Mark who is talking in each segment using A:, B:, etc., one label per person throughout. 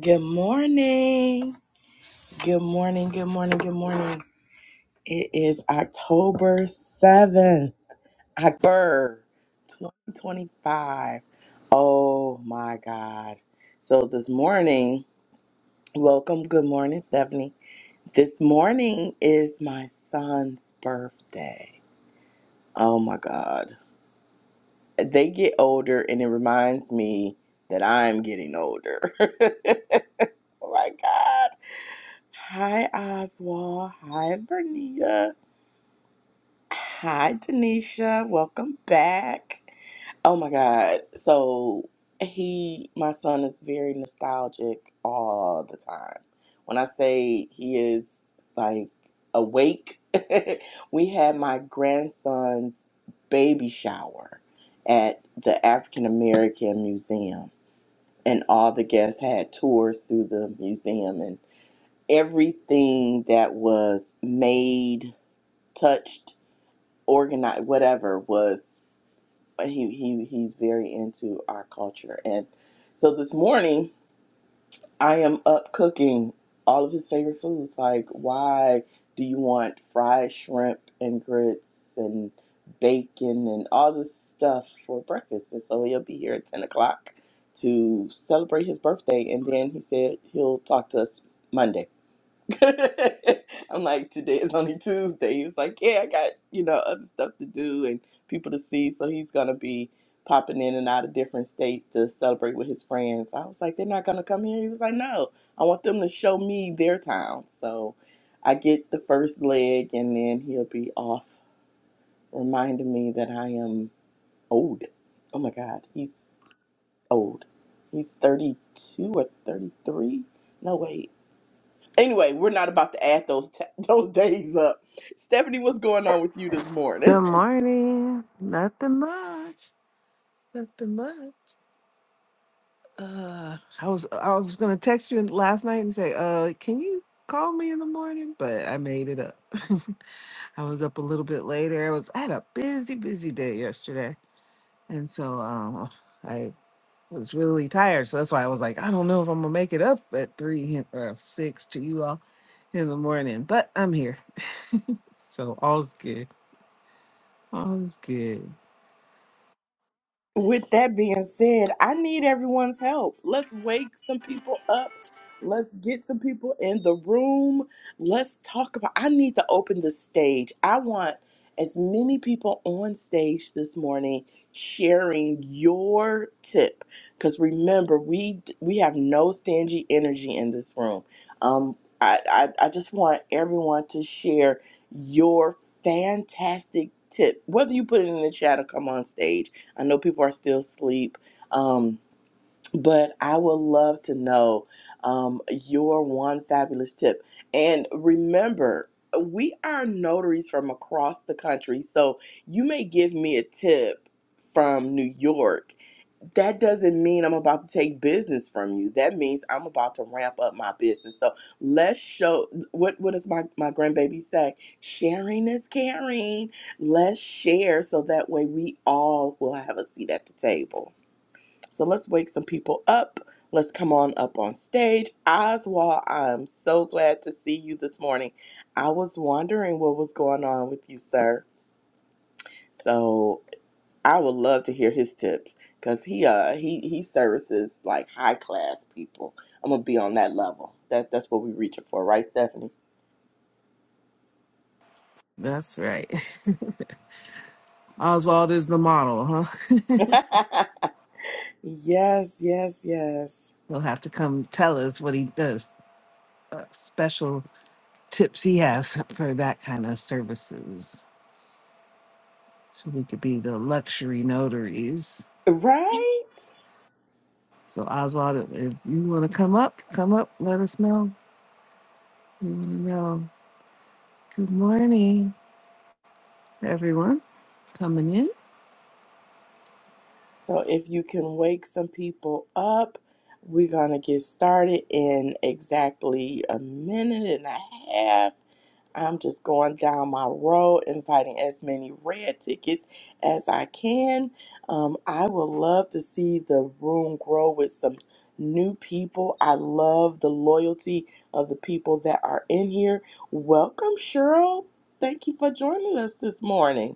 A: Good morning. Good morning. Good morning. Good morning. It is October 7th, October 2025. Oh my God. So this morning, welcome. Good morning, Stephanie. This morning is my son's birthday. Oh my God. They get older, and it reminds me that I'm getting older. oh my God. Hi, Oswald. Hi, Bernita. Hi, Denisha. Welcome back. Oh my God. So he, my son, is very nostalgic all the time. When I say he is like awake, we had my grandson's baby shower at the African American Museum, and all the guests had tours through the museum, and everything that was made, touched, organized, whatever was he he he's very into our culture. And so this morning I am up cooking all of his favorite foods. Like why do you want fried shrimp and grits and bacon and all this stuff for breakfast? And so he'll be here at ten o'clock to celebrate his birthday and then he said he'll talk to us Monday. I'm like, today is only Tuesday. He was like, yeah, I got, you know, other stuff to do and people to see. So he's going to be popping in and out of different states to celebrate with his friends. I was like, they're not going to come here. He was like, no, I want them to show me their town. So I get the first leg and then he'll be off, reminding me that I am old. Oh my God, he's old. He's 32 or 33. No, wait. Anyway, we're not about to add those ta- those days up. Stephanie, what's going on with you this morning?
B: Good morning. Nothing much. Nothing much. Uh, I was I was gonna text you last night and say, uh, can you call me in the morning? But I made it up. I was up a little bit later. I was I had a busy, busy day yesterday, and so um, I was really tired. So that's why I was like, I don't know if I'm gonna make it up at three or six to you all in the morning. But I'm here, so all's good. All's good.
A: With that being said, I need everyone's help. Let's wake some people up. Let's get some people in the room. Let's talk about. I need to open the stage. I want as many people on stage this morning sharing your tip because remember we we have no stingy energy in this room um I, I i just want everyone to share your fantastic tip whether you put it in the chat or come on stage I know people are still asleep, um, but I would love to know um, your one fabulous tip. And remember, we are notaries from across the country, so you may give me a tip from New York that doesn't mean I'm about to take business from you. That means I'm about to ramp up my business. So let's show what what does my, my grandbaby say? Sharing is caring. Let's share so that way we all will have a seat at the table. So let's wake some people up. Let's come on up on stage. Oswald, I'm so glad to see you this morning. I was wondering what was going on with you, sir. So. I would love to hear his tips because he uh he he services like high class people. I'm gonna be on that level. That that's what we're reaching for, right, Stephanie?
B: That's right. Oswald is the model, huh?
A: yes, yes, yes.
B: He'll have to come tell us what he does, uh, special tips he has for that kind of services. So we could be the luxury notaries.
A: Right?
B: So, Oswald, if if you want to come up, come up, let us know. We want to know. Good morning, everyone coming in.
A: So if you can wake some people up, we're going to get started in exactly a minute and a half. I'm just going down my row, inviting as many red tickets as I can. Um, I would love to see the room grow with some new people. I love the loyalty of the people that are in here. Welcome, Cheryl. Thank you for joining us this morning.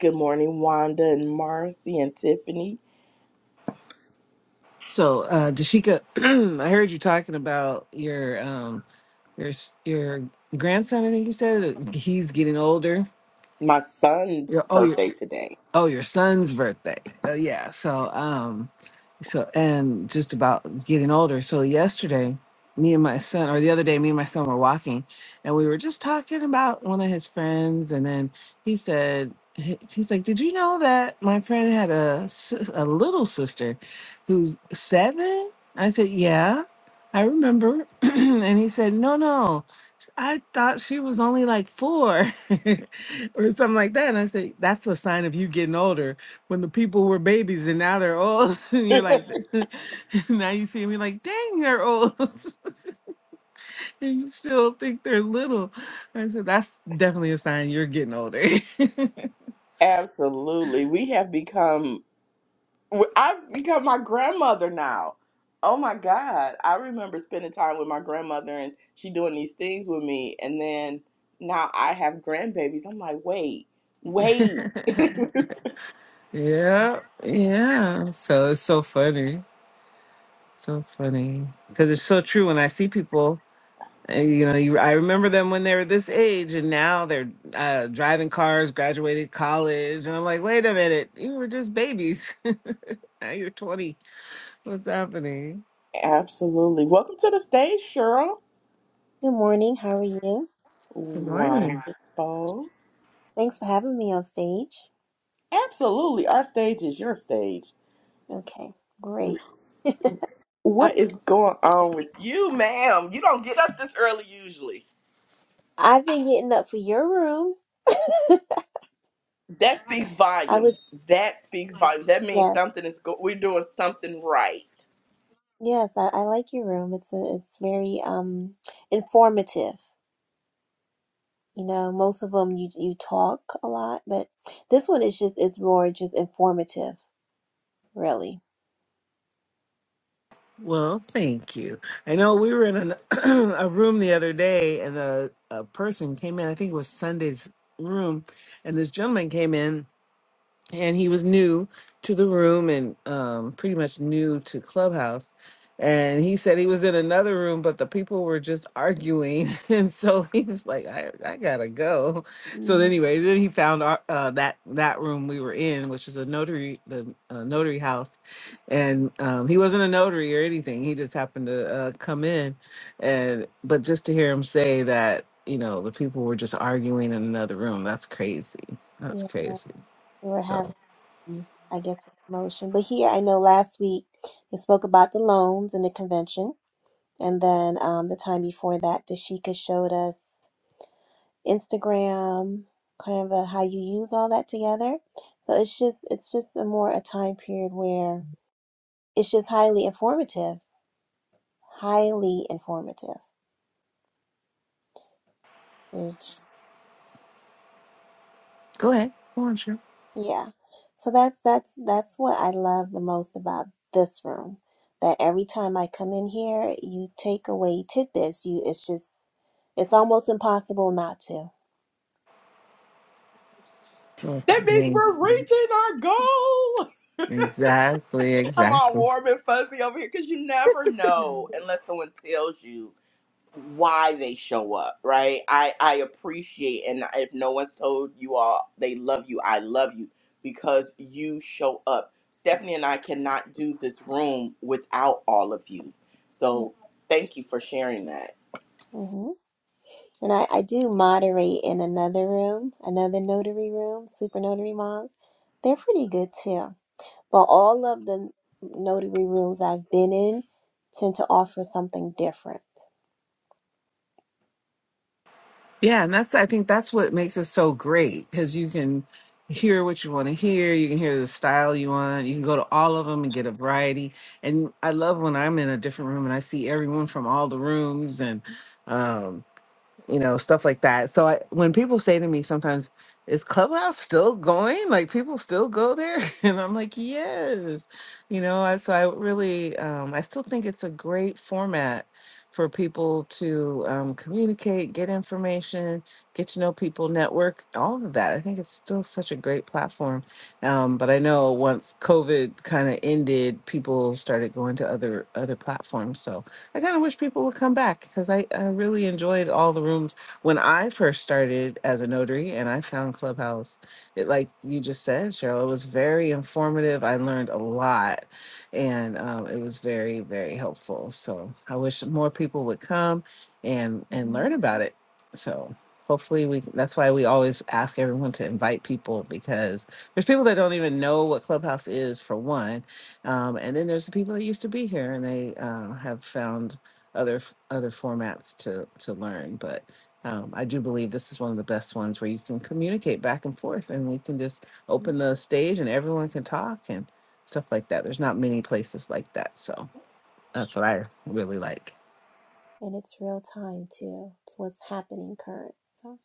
A: Good morning, Wanda and Marcy and Tiffany.
B: So, uh, Dashika, I heard you talking about your um your s- your grandson. I think you said he's getting older.
A: my son's
B: Your oh, your
A: birthday today.
B: Oh, your son's birthday. Uh, yeah. So, um, so and just about getting older. So yesterday, me and my son, or the other day, me and my son were walking, and we were just talking about one of his friends, and then he said, he- he's like, "Did you know that my friend had a sis- a little sister, who's seven?" I said, "Yeah, I remember," and he said, "No, no." I thought she was only like four or something like that. And I said, that's the sign of you getting older when the people were babies and now they're old. And you're like, now you see me like, dang, they're old. and you still think they're little. I said, that's definitely a sign you're getting older.
A: Absolutely. We have become, I've become my grandmother now. Oh my God. I remember spending time with my grandmother and she doing these things with me. And then now I have grandbabies. I'm like, wait, wait.
B: yeah. Yeah. So it's so funny. So funny. Because it's so true when I see people. Uh, You know, you, I remember them when they were this age, and now they're uh, driving cars, graduated college, and I'm like, wait a minute, you were just babies. now you're 20. What's happening?
A: Absolutely. Welcome to the stage, Cheryl.
C: Good morning. How are you?
B: Good morning.
A: Wonderful.
C: Thanks for having me on stage.
A: Absolutely. Our stage is your stage.
C: Okay, great. I,
A: What is going on with you, ma'am? You don't get up this early usually.
C: I've been getting up for your room.
A: That speaks
C: I was
A: volumes. That speaks volumes. That means
C: yes,
A: something is go- we're doing something right.
C: yes. I, I like your room. It's a, it's very um informative. You know, most of them you you talk a lot, but this one is just it's more just informative, really.
B: Well, thank you. I know we were in an, a room the other day, and a, a person came in. I think it was Sunday's room, and this gentleman came in and he was new to the room and um, pretty much new to Clubhouse. And he said he was in another room, but the people were just arguing, and so he was like, "I, I gotta go." So
C: hmm
B: anyway, then he found our, uh, that that room we were in, which is a notary, the uh, notary house, and um, he wasn't a notary or anything. He just happened to uh, come in, and but just to hear him say that, you know, the people were just arguing in another room. That's crazy. That's
C: Yeah,
B: crazy.
C: we were
B: So.
C: having um, I guess a promotion, but here I know last week they spoke about the loans and the convention. And then um, the time before that, Dashika showed us Instagram, kind of a, how you use all that together. So it's just it's just a more a time period where it's just highly informative, highly informative. There's
B: Go ahead. Go on, sure.
C: yeah. So that's that's that's what I love the most about this room. That every time I come in here, you take away tidbits. You it's just it's almost impossible not to.
B: Well,
A: That means
B: dang.
A: we're reaching our goal.
B: Exactly,
A: I'm all
B: exactly.
A: warm and fuzzy over here because you never know unless someone tells you why they show up, right? I I appreciate and if no one's told you all they love you, I love you because you show up. Stephanie and I cannot do this room without all of you.
C: Yeah.
A: So thank you for sharing that.
C: hmm And I, I do moderate in another room, another notary room, super notary moms. They're pretty good too. But all of the notary rooms I've been in tend to offer something different.
B: Yeah, and that's I think that's what makes it so great because you can hear what you want to hear, you can hear the style you want, you can go to all of them and get a variety. And I love when I'm in a different room and I see everyone from all the rooms and um, you know, stuff like that. So I, when people say to me sometimes, is Clubhouse still going? Like people still go there? And I'm like, yes. You know, I, so I really, um, I still think it's a great format for people to um, communicate, get information, get to know people, network, all of that. I think it's still such a great platform. Um, but I know once COVID kind of ended, people started going to other other platforms. So I kind of wish people would come back because I, I really enjoyed all the rooms when I first started as a notary and I found Clubhouse. It, like you just said, Cheryl, it was very informative. I learned a lot and um, it was very, very helpful. So I wish more people would come and, and learn
C: Mhm.
B: about it. So hopefully we that's why we always ask everyone to invite people because there's people that don't even know what clubhouse is for one um, and then there's the people that used to be here, and they uh, have found other f- other formats to to learn. But um, I do believe this is one of the best ones where you can communicate back and forth, and we can just
C: Mhm.
B: open the stage, and everyone can talk and stuff like that. There's not many places like that, so that's what I really like.
C: And it's real time too. It's what's happening current. So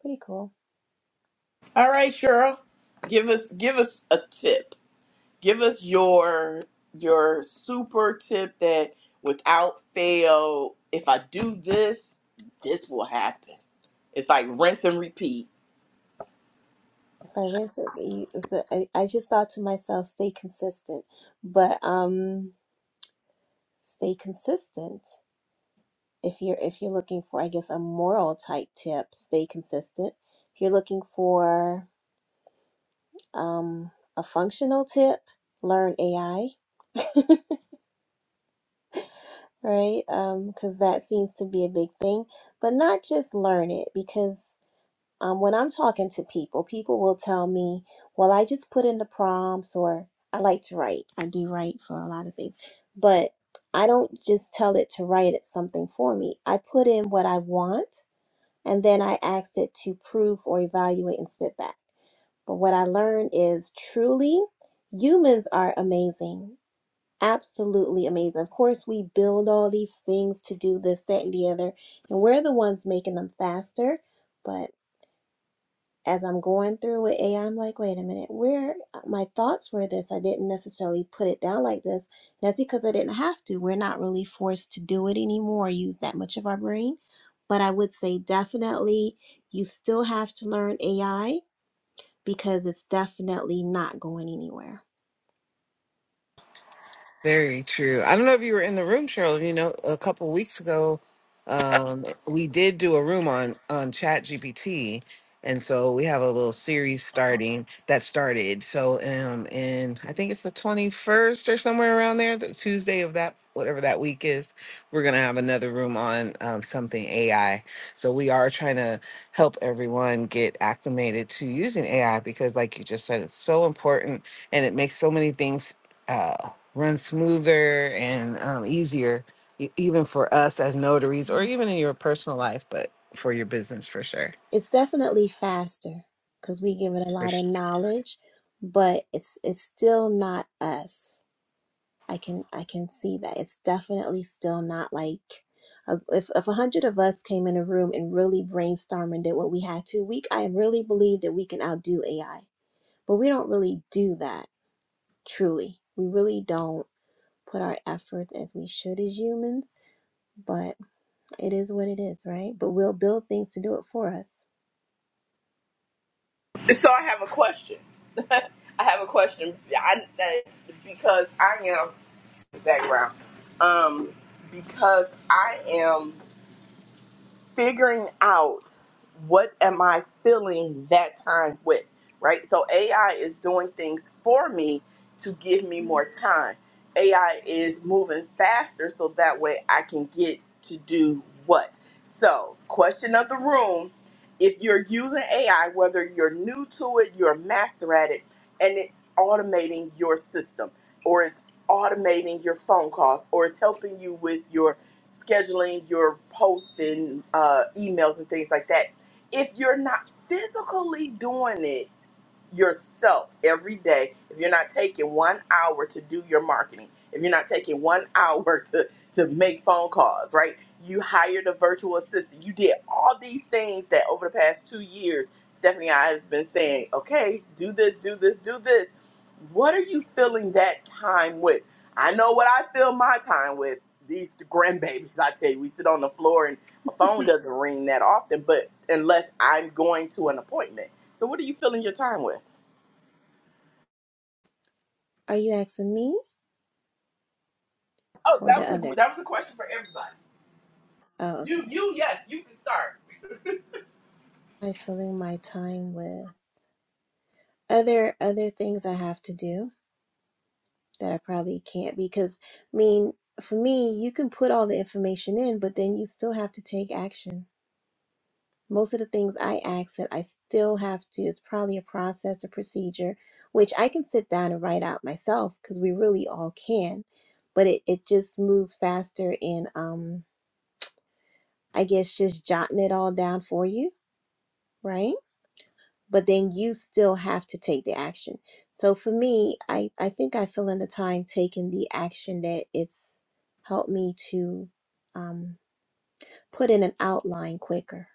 C: pretty cool.
A: All right, Cheryl. Give us give us a tip. Give us your your super tip that without fail, if I do this, this will happen. It's like rinse and repeat.
C: If I rinse it, you- it's a- I I just thought to myself, stay consistent. But um, stay consistent. if you're if you're looking for i guess a moral type tip stay consistent if you're looking for um, a functional tip learn ai right because um, that seems to be a big thing but not just learn it because um, when i'm talking to people people will tell me well i just put in the prompts or i like to write i do write for a lot of things but i don't just tell it to write it something for me i put in what i want and then I asked it to prove or evaluate and spit back. But what I learned is truly humans are amazing. Absolutely amazing. Of course, we build all these things to do this, that, and the other, and we're the ones making them faster. But as I'm going through with AI, I'm like, wait a minute, where uh, my thoughts were this. I didn't necessarily put it down like this. And that's because I didn't have to. We're not really forced to do it anymore, use that much of our brain. But I would say definitely you still have to learn AI because it's definitely not going anywhere.
B: Very true. I don't know if you were in the room, Cheryl. You know, a couple weeks ago, um, we did do a room on on Chat GPT, and so we have a little series starting that started. So, um, and I think it's the twenty first or somewhere around there, the Tuesday of that whatever that week is. We're gonna have another room on um, something AI. So we are trying to help everyone get acclimated to using AI because, like you just said, it's so important and it makes so many things. uh, run smoother and um, easier, e- even for us as notaries, or
C: Mm.
B: even in your personal life, but for your business for sure.
C: It's definitely faster because we give it a
B: For
C: lot of
B: sure.
C: knowledge, but it's it's still not us. I can I can see that it's definitely still not like a, if if a hundred of us came in a room and really brainstormed and did what we had to, we I really believe that we can outdo AI, but we don't really do that truly. We really don't put our efforts as we should as humans, but it is what it is, right? But we'll build things to do it for us.
A: So I have a question. I have a question. I, I- because I am background. Um, because I am. figuring out what am I filling that time with, right? So AI is doing things for me to give me more time. AI is moving faster so that way I can get to do what. So, question of the room, if you're using AI, whether you're new to it, you're a master at it, and it's automating your system or it's automating your phone calls or it's helping you with your scheduling your posts and uh, emails and things like that. If you're not physically doing it, yourself every day if you're not taking one hour to do your marketing if you're not taking one hour to to make phone calls right you hired a virtual assistant you did all these things that over the past two years stephanie and i have been saying okay do this do this do this what are you filling that time with i know what i fill my time with these grandbabies i tell you we sit on the floor and a phone doesn't ring that often but unless i'm going to an appointment so what are you filling your time with?
C: Are you asking me
A: Oh,
C: or
A: that
C: the
A: was a
C: other?
A: that was a question for everybody.
C: Oh,
A: You
C: okay.
A: you yes, you can start.
C: I'm filling my time with other other things I have to do. that I probably can't be, because I mean, for me, you can put all the information in, but then you still have to take action. Most of the things I ask that I still have to, it's probably a process, a procedure, which I can sit down and write out myself because we really all can. But it, it just moves faster in um I guess just jotting it all down for you, right? but then you still have to take the action. So for me, I, I think I feel in the time taking the action that it's helped me to um, put in an outline quicker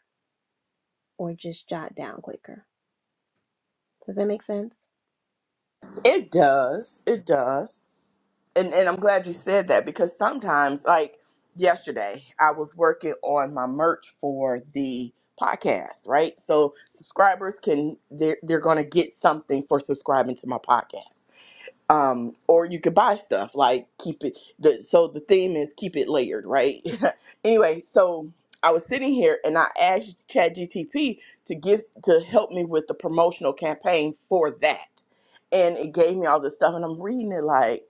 C: or just jot down quicker. Does that make sense?
A: It does. It does. And and I'm glad you said that because sometimes like yesterday I was working on my merch for the podcast, right? So subscribers can they're they're gonna get something for subscribing to my podcast. um or you could buy stuff like keep it the so the theme is keep it layered right anyway so i was sitting here and i asked ChatGTP to give to help me with the promotional campaign for that and it gave me all this stuff and i'm reading it like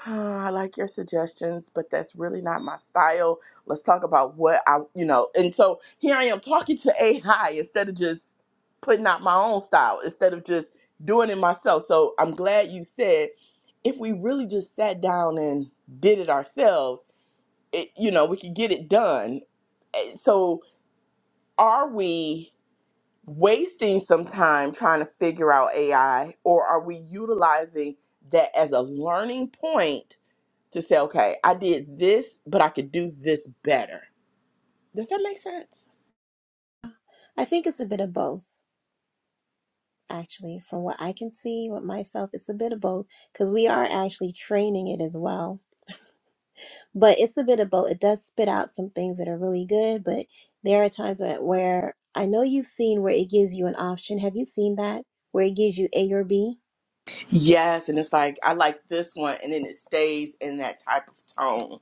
A: "Huh, I like your suggestions, but that's really not my style. Let's talk about what I, you know. And so here I am talking to AI instead of just putting out my own style, instead of just doing it myself. So I'm glad you said if we really just sat down and did it ourselves, it, you know, we could get it done. Eh, So, are we wasting some time trying to figure out AI, or are we utilizing that as a learning point to say, okay, I did this, but I could do this better? Does that make sense?
C: I think it's a bit of both, actually, from what I can see with myself. It's a bit of both because we are actually training it as well but it's a bit of both. It does spit out some things that are really good, but there are times where, where I know you've seen where it gives you an option. Have you seen that? Where it gives you A or B?
A: Yes, and it's like I like this one, and then it stays in that type of tone.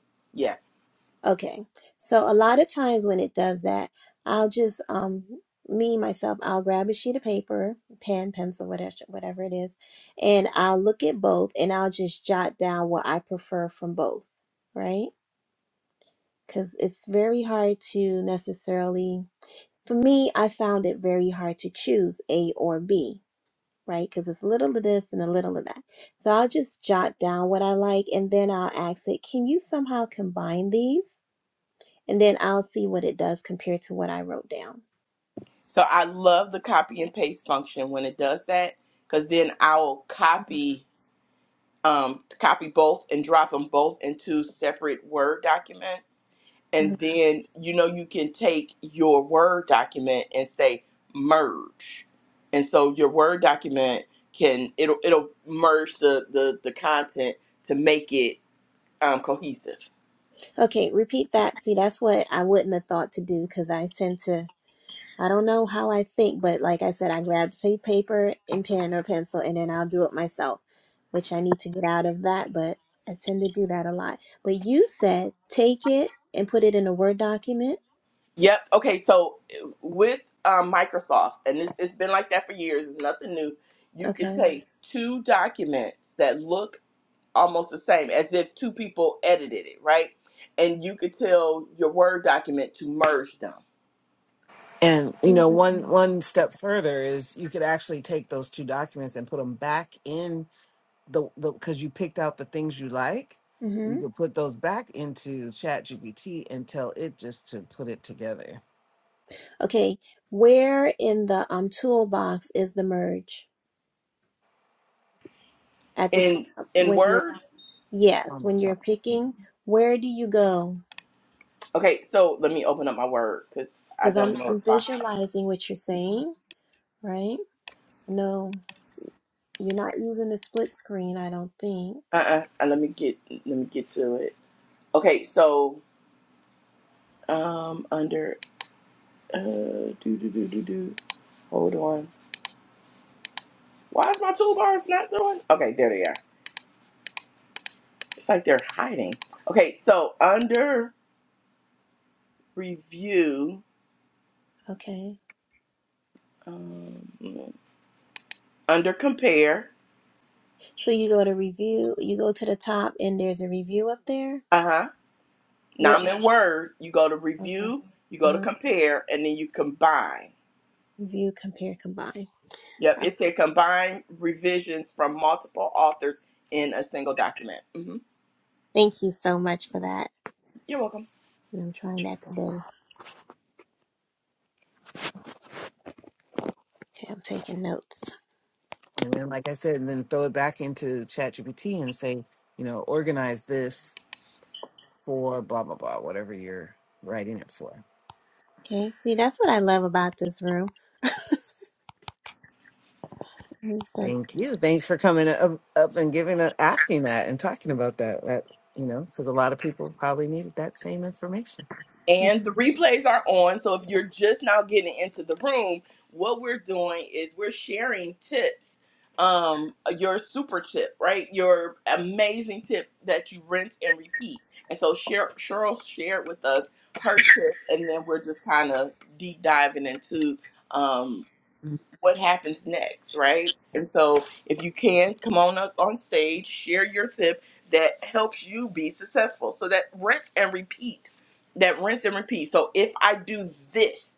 C: Okay. So a lot of times when it does that, I'll just um me myself, I'll grab a sheet of paper, pen, pencil, whatever whatever it is, and I'll look at both and I'll just jot down what I prefer from both, right? Cuz it's very hard to necessarily For me, I found it very hard to choose A or B, right? Because it's a little of this and a little of that. So I'll just jot down what I like and then I'll ask it, can you somehow combine these? And then I'll see what it does compared to what I wrote down.
A: So I love the copy and paste function when it does that, because then I'll copy um, copy both and drop them both into separate Word documents, and
C: Mhm.
A: then you know you can take your Word document and say merge, and so your Word document can it'll it'll merge the the, the content to make it um, cohesive.
C: Okay, repeat that. See, that's what I wouldn't have thought to do because I tend to I don't know how I think, but like I said, I grabbed pa- paper and pen or pencil, and then I'll do it myself, which I need to get out of that. But I tend to do that a lot. But you said take it and put it in a Word document.
A: Yep. Okay. So with um, Microsoft, and it's, it's been like that for years. It's nothing new. You could
C: Okay.
A: take two documents that look almost the same, as if two people edited it, right? And you could tell your Word document to merge them
B: And you know,
C: Really?
B: one one step further is you could actually take those two documents and put them back in the the because you picked out the things you like. You
C: Mm-hmm.
B: could put those back into ChatGPT and tell it just to put it together
C: Okay. Where in the um toolbox is the merge at the
B: on,
A: in
C: top
A: in
C: when you're
A: Word.
C: yes
B: on the
C: when you're
B: top.
C: picking? Where do you go?
A: Okay. So let me open up my Word because I
C: Because
A: don't
C: I'm
A: know
C: I'm
A: it by heart.
C: visualizing what you're saying, right? No. You're not using the split screen, I don't think.
A: Uh-uh. Uh, Let me get let me get to it. Okay. So um, under uh, do do do do do. Hold on. Why is my toolbars not doing? Okay, there they are. It's like they're hiding. Okay, so under review,
C: Okay.
A: um, under compare,
C: So you go to review, you go to the top, and there's a review up there.
A: uh huh. Now
C: You're
A: I'm in Word. You go to
C: okay.
A: review, you go to
C: Uh,
A: compare, and then you combine.
C: review, compare, combine.
A: Yep,
C: Uh,
A: it said combine revisions from multiple authors in a single document. hmm
C: Thank you so much for that.
A: You're welcome.
C: And I'm trying that today. Okay, I'm taking notes.
B: And then, like I said, and then throw it back into ChatGPT and say, you know, organize this for blah blah blah, whatever you're writing it for.
C: Okay, see, that's what I love about this room. Mm,
B: Thank you. Thanks for coming up, up and giving up, asking that and talking about that. That you know, because a lot of people probably needed that same information.
C: That's,
A: And the replays are on. So if you're just now getting into the room, what we're doing is we're sharing tips. Um, your super tip, right? Your amazing tip that you rinse and repeat. And so Cher- Cheryl shared with us her tip, and then we're just kind of deep diving into um, what happens next, right? And so if you can come on up on stage, share your tip that helps you be successful. So that rinse and repeat. That rinse and repeat. So if I do this,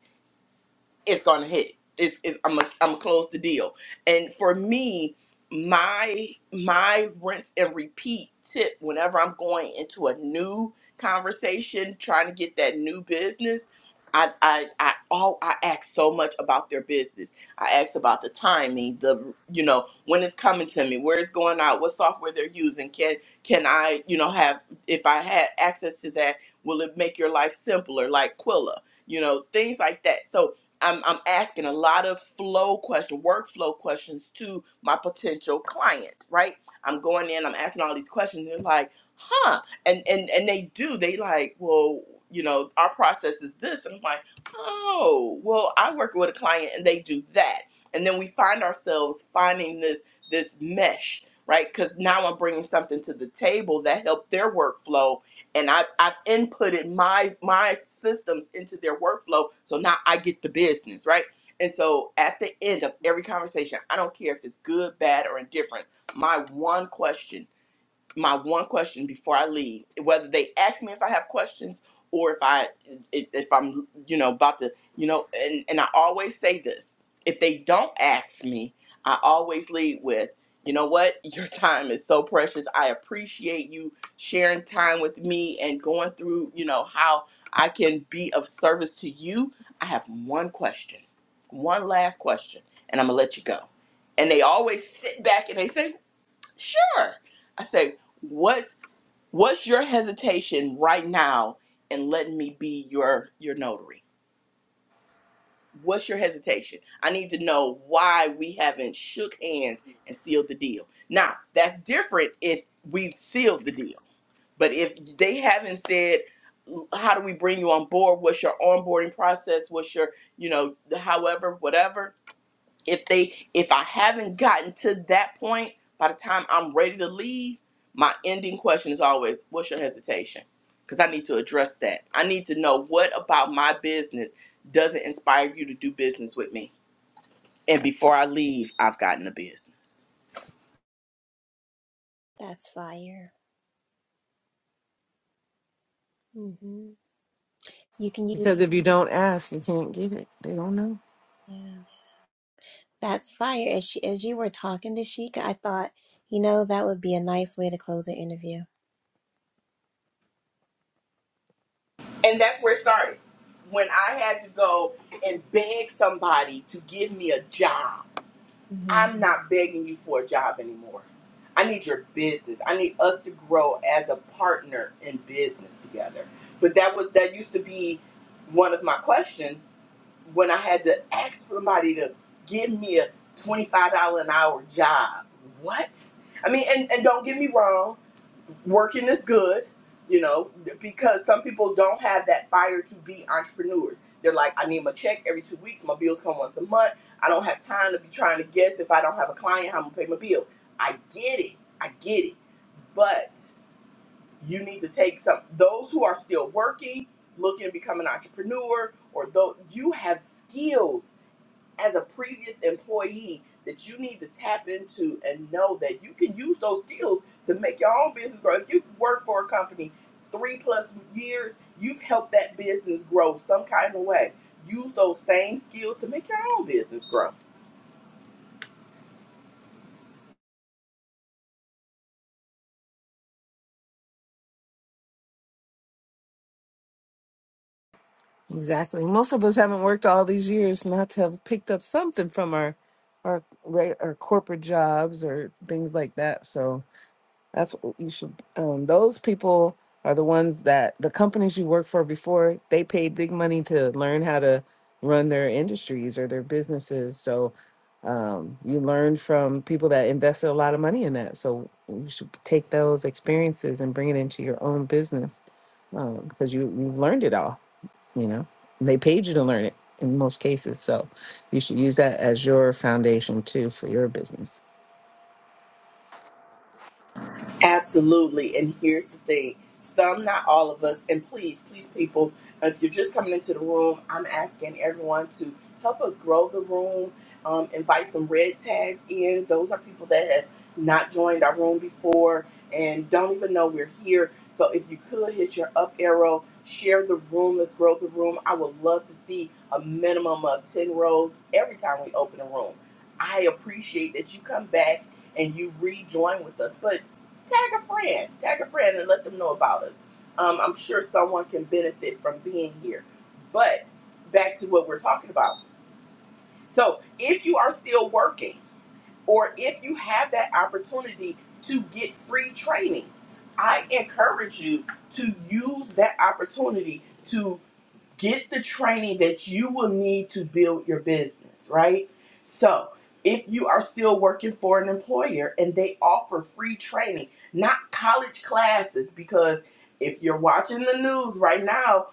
A: it's gonna hit. It's, it's I'm gonna I'm gonna close the deal. And for me, my my rinse and repeat tip whenever I'm going into a new conversation, trying to get that new business, I I I all I ask so much about their business. I ask about the timing, the you know when it's coming to me, where it's going out, what software they're using. Can can I you know have if I had access to that, will it make your life simpler? Like Quilla, you know things like that. So I'm, I'm asking a lot of flow question, workflow questions to my potential client, right? I'm going in, I'm asking all these questions. They're like, huh? And and and they do. They like, well, you know, our process is this, and I'm like, oh, well, I work with a client, and they do that, and then we find ourselves finding this this mesh, right? Because now I'm bringing something to the table that helped their workflow, and I've, I've inputted my my systems into their workflow so now i get the business right and so at the end of every conversation i don't care if it's good bad or indifference my one question my one question before I leave, whether they ask me if I have questions or if I if I'm you know about to you know and and I always say this, if they don't ask me, I always lead with you know what? Your time is so precious. I appreciate you sharing time with me and going through, you know, how I can be of service to you. I have one question, one last question, and I'm going to let you go. And they always sit back and they say, Sure. I said, what's what's your hesitation right now in letting me be your your notary? What's your hesitation? I need to know why we haven't shook hands and sealed the deal. Now, that's different if we've sealed the deal. But if they haven't said how do we bring you on board? What's your onboarding process? What's your, you know, however, whatever? if they if i haven't gotten to that point by the time i'm ready to leave my ending question is always what's your hesitation because i need to address that i need to know what about my business doesn't inspire you to do business with me and before i leave i've gotten a business
C: that's fire. hmm You can use,
B: Because if you don't ask, you can't get it. They don't know
C: yeah, that's fire. As, she, as you were talking to Sheikah, I thought, you know, that would be a nice way to close an interview.
A: and that's where it started when i had to go and beg somebody to give me a job
C: Mm-hmm.
A: I'm not begging you for a job anymore. I need your business. I need us to grow as a partner in business together. But that was that used to be one of my questions when I had to ask somebody to give me a twenty-five dollar an hour job. What? I mean, and, and don't get me wrong, working is good, you know, because some people don't have that fire to be entrepreneurs. They're like, I need my check every two weeks, my bills come once a month I don't have time to be trying to guess if I don't have a client how I'm gonna pay my bills. I get it. I get it. But you need to take some those who are still working, looking to become an entrepreneur, or though you have skills as a previous employee that you need to tap into and know that you can use those skills to make your own business grow. If you've worked for a company three plus years, you've helped that business grow some kind of way. Use those same skills to make your own business grow
B: exactly. Most of us haven't worked all these years not to have picked up something from our our re- our corporate jobs or things like that. So That's what you should. Um, those people are the ones that the companies you work for before they paid big money to learn how to run their industries or their businesses. So um, you learn from people that invested a lot of money in that. So you should take those experiences and bring it into your own business um, because you you've learned it all. You know, they paid you to learn it in most cases. So you should use that as your foundation too for your business.
A: Absolutely. And here's the thing some, not all of us, and please, please, people, if you're just coming into the room, I'm asking everyone to help us grow the room, um, invite some red tags in. Those are people that have not joined our room before and don't even know we're here. So if you could hit your up arrow, share the room, let's grow the room. I would love to see a minimum of 10 rows every time we open a room. I appreciate that you come back and you rejoin with us. But tag a friend, tag a friend, and let them know about us. Um, I'm sure someone can benefit from being here. But back to what we're talking about. So if you are still working, or if you have that opportunity to get free training, I encourage you to use that opportunity to get the training that you will need to build your business, right? So, if you are still working for an employer and they offer free training, not college classes, because if you're watching the news right now,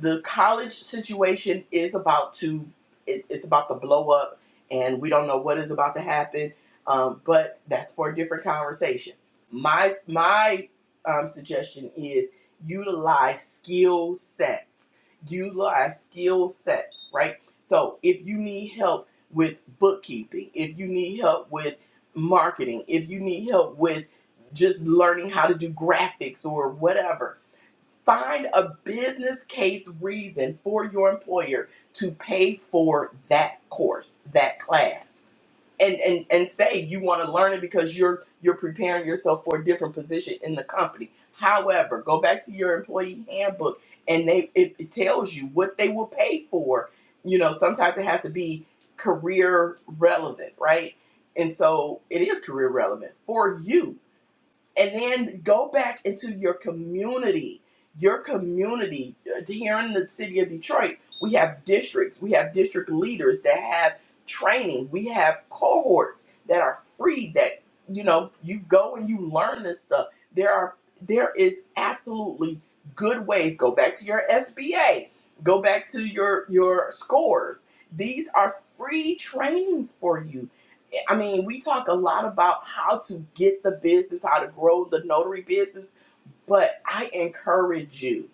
A: the college situation is about to it, it's about to blow up and we don't know what is about to happen um, but that's for a different conversation my my um, suggestion is utilize skill sets utilize skill sets, right? So if you need help with bookkeeping, if you need help with marketing, if you need help with just learning how to do graphics or whatever, find a business case reason for your employer to pay for that course, that class and and and say you want to learn it because you're you're preparing yourself for a different position in the company. However, go back to your employee handbook and they it, it tells you what they will pay for. You know, sometimes it has to be career relevant, right? And so it is career relevant for you and then go back into your community your community Uh, here in the city of detroit we have districts we have district leaders that have training we have cohorts that are free that you know you go and you learn this stuff there are there is absolutely good ways go back to your sba go back to your your scores these are free trainings for you I mean, we talk a lot about how to get the business, how to grow the notary business, but I encourage you.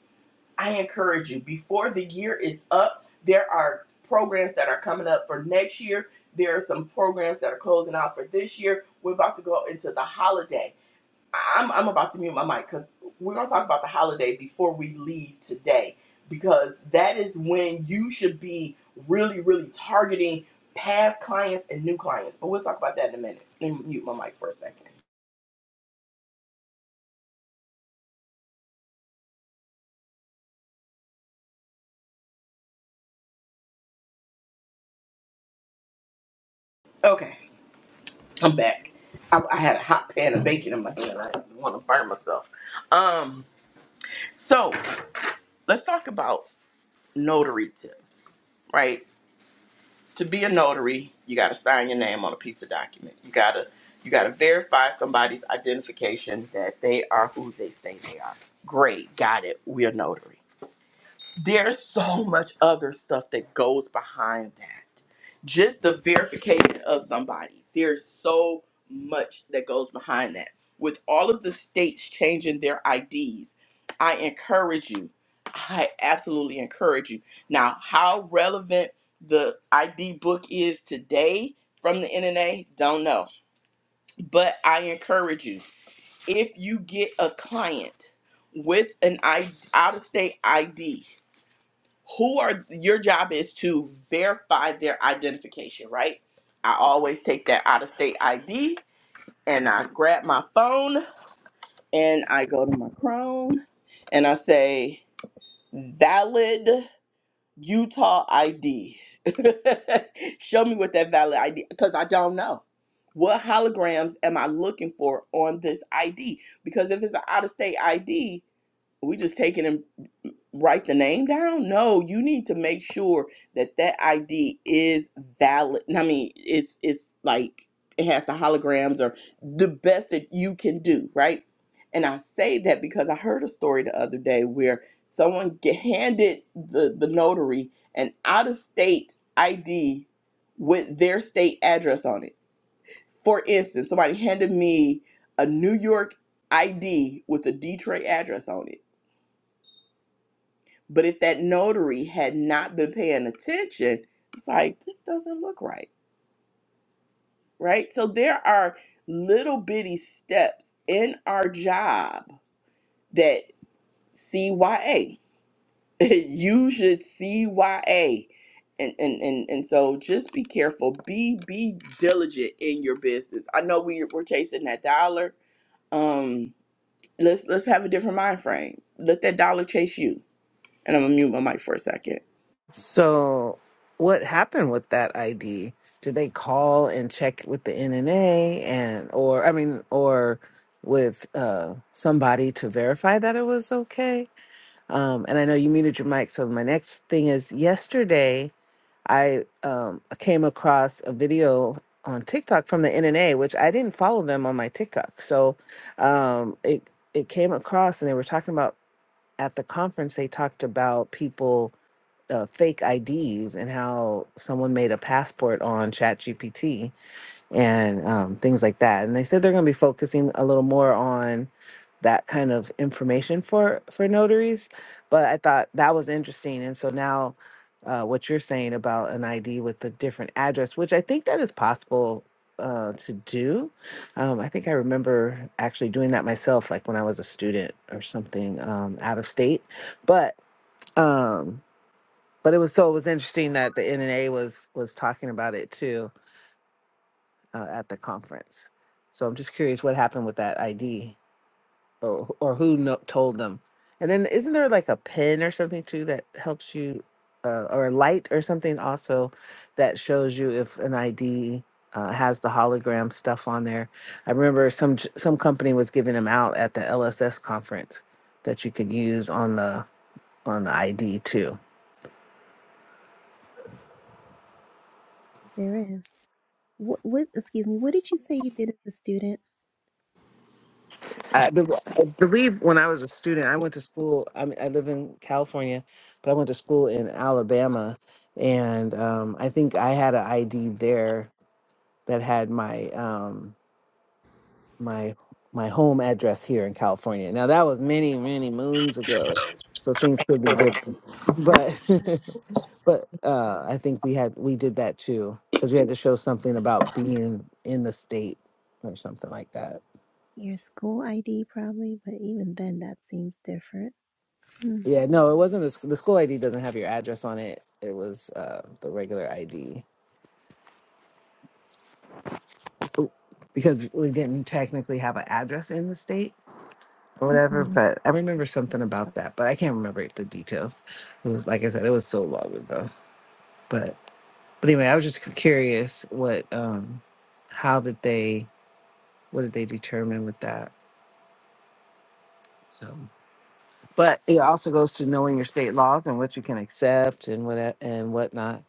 A: I encourage you. Before the year is up, there are programs that are coming up for next year. There are some programs that are closing out for this year. We're about to go into the holiday. I'm I'm about to mute my mic because we're gonna talk about the holiday before we leave today because that is when you should be really really targeting past clients and new clients. But we'll talk about that in a minute. Let me mute my mic for a second. Okay, I'm back. I, I had a hot pan of bacon in my hand. I want to burn myself. Um, so let's talk about notary tips, right? to be a notary, you got to sign your name on a piece of document. You got to you got to verify somebody's identification that they are who they say they are. Great, got it. We're notary there's so much other stuff that goes behind that. Just the verification of somebody, there's so much that goes behind that. With all of the states changing their IDs, I encourage you. I absolutely encourage you. Now, how relevant the ID book is today from the NNA, don't know. But I encourage you if you get a client with an I- out of state ID, who are your job is to verify their identification, right? I always take that out of state ID and I grab my phone and I go to my Chrome and I say valid Utah ID. Show me what that valid ID because I don't know. What holograms am I looking for on this ID? Because if it's an out of state ID, we just taking it write the name down? No, you need to make sure that that ID is valid. I mean, it's it's like it has the holograms or the best that you can do, right? And I say that because I heard a story the other day where someone get handed the the notary an out of state ID with their state address on it. For instance, somebody handed me a New York ID with a Detroit address on it but if that notary had not been paying attention, it's like, this doesn't look right, right? So there are little bitty steps in our job that CYA, you should CYA. And, and, and, and so just be careful, be, be diligent in your business. I know we, we're chasing that dollar. Um, let's, let's have a different mind frame. Let that dollar chase you. And I'm gonna mute my mic for a second.
B: So, what happened with that ID? Did they call and check with the NNA and, or I mean, or with uh, somebody to verify that it was okay? Um, and I know you muted your mic. So my next thing is yesterday I um, came across a video on TikTok from the NNA, which I didn't follow them on my TikTok. So um, it it came across and they were talking about at the conference they talked about people uh, fake IDs and how someone made a passport on ChatGPT and um, things like that. And they said they're going to be focusing a little more on that kind of information for for notaries. But I thought that was interesting, and so now. Uh, what you're saying about an ID with a different address, which I think that is possible uh, to do. Um, I think I remember actually doing that myself, like when I was a student or something um, out of state. But um, but it was so it was interesting that the NNA was was talking about it too uh, at the conference. So I'm just curious what happened with that ID or or who no, told them. And then isn't there like a pen or something too that helps you uh, or a light or something also that shows you if an ID uh, has the hologram stuff on there. I remember some j- some company was giving them out at the LSS conference that you could use on the on the ID too.
C: There is. What, what, excuse me, what did you say you did as a student?
B: I, be- I believe when I was a student, I went to school. I mean, I live in California, but I went to school in Alabama, and um, I think I had an ID there that had my um, my my home address here in California. Now that was many many moons ago, so things could be different.
C: That
B: But but uh, I think we had we did that too because we had to show something about being in the state or something like that.
C: your school ID probably, but even then that seems different. Hmm.
B: Yeah, no, it wasn't the, sc- the school ID doesn't have your address on it. It was uh, the regular ID Oop. because we didn't technically have an address in the state or whatever.
C: Mm.
B: But I remember something about that, but I can't remember the details. It was like I said, it was so long ago. But but anyway, I was just curious what um how did they what did they determine with that? So, but it also goes to knowing your state laws and what you can accept and what and whatnot.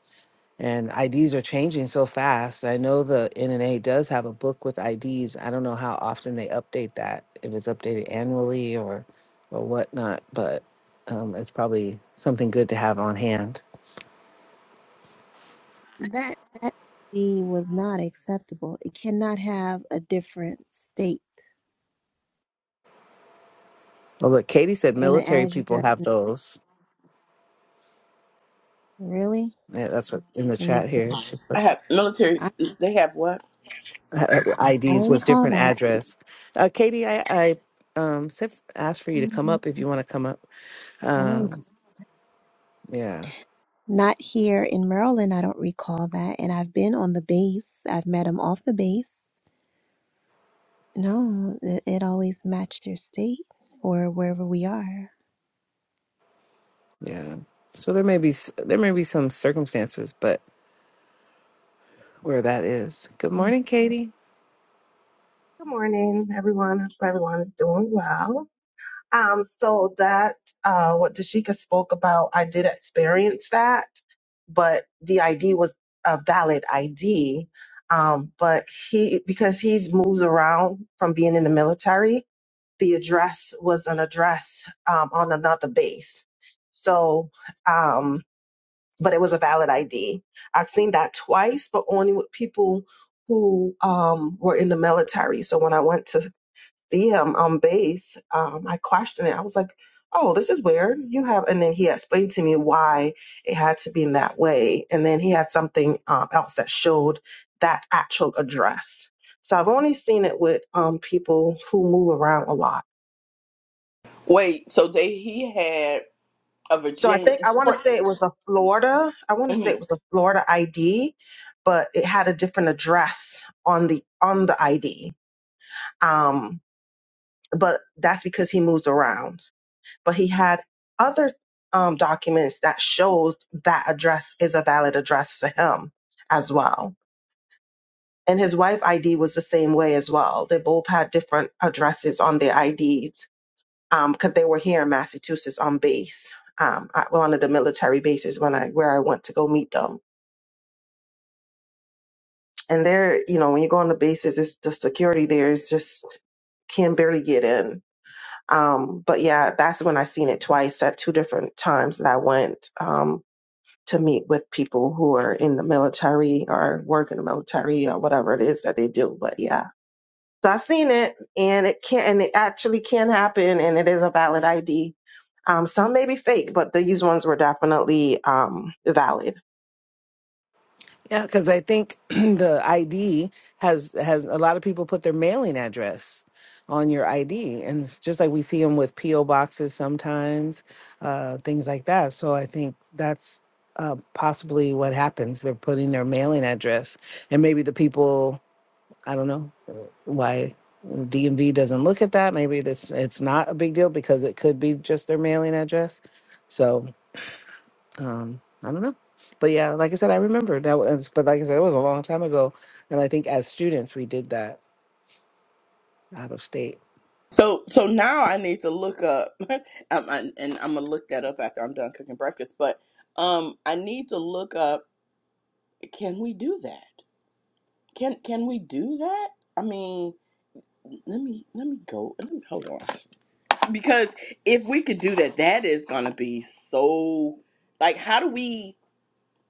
B: And IDs are changing so fast. I know the NNA does have a book with IDs. I don't know how often they update that, if it's updated annually or or whatnot, but um, it's probably something good to have on hand.
C: That that ID was not acceptable. It cannot have a different state
B: Oh, look, Katie said
C: in an
B: military people
C: address.
B: have those.
C: Really?
B: Yeah, that's what in the
C: Let me
B: chat
C: think.
B: here. She
A: I
B: put
A: have military,
C: I, I
A: they have what?
B: IDs
C: don't
B: with
C: recall
B: different
C: that.
B: address. Uh, Katie, I, I um, said asked for you to come
C: Mhm.
B: up if you want to come up.
C: I don't recall.
B: Um, yeah,
C: Not here in Maryland, I don't recall that. And I've been on the base. I've met them off the base. No, it, it always matched their state or wherever we are.
B: yeah. So there may be s- there may be some circumstances, but where that is. Good morning, Katie.
D: Good morning, everyone. Hope everyone is doing well. Um, so that uh, what Dashika spoke about, I did experience that, but the ID was a valid ID. Um, but he because he's moved around from being in the military, the address was an address um, on another base. So, um, but it was a valid ID. I've seen that twice, but only with people who um, were in the military. So when I went to see him on base, um, I questioned it. I was like, oh, this is weird. You have, and then he explained to me why it had to be in that way. And then he had something um, else that showed that actual address. So I've only seen it with um, people who move around a lot.
A: Wait, so they he had a
D: So I
A: Virginia.
D: think I want to
A: For,
D: say it was a Florida. I want to say
A: mhm.
D: it was a Florida ID, but it had a different address on the on the ID. Um, but that's because he moves around. but he had other um, documents that shows that address is a valid address for him as well. And his wife ID was the same way as well. They both had different addresses on their IDs because um, they were here in Massachusetts on base, um, at one of the military bases when I where I went to go meet them. And there, you know, when you go on the bases, it's the security there is just can barely get in. Um, but yeah, that's when I seen it twice at two different times that I went. Um, to meet with people who are in the military or work in the military or whatever it is that they do. But yeah, so I've seen it and it can, and it actually can happen and it is a valid ID. Um, some may be fake, but these ones were definitely um, valid.
B: Yeah, because I think the ID has has a lot of people put their mailing address on your ID, and it's just like we see them with PO boxes sometimes, uh, things like that. So I think that's uh, possibly what happens. They're putting their mailing address, and maybe the people I don't know why DMV doesn't look at that. Maybe this it's not a big deal because it could be just their mailing address. So. um i don't know but yeah like i said i remember that was but like i said it was a long time ago and i think as students we did that out of state
A: So so now I need to look up, um, I, and I'm gonna look that up after I'm done cooking breakfast. But um, I need to look up. Can we do that? Can can we do that? I mean, let me let me go. Let me, hold on, because if we could do that, that is gonna be so. Like, how do we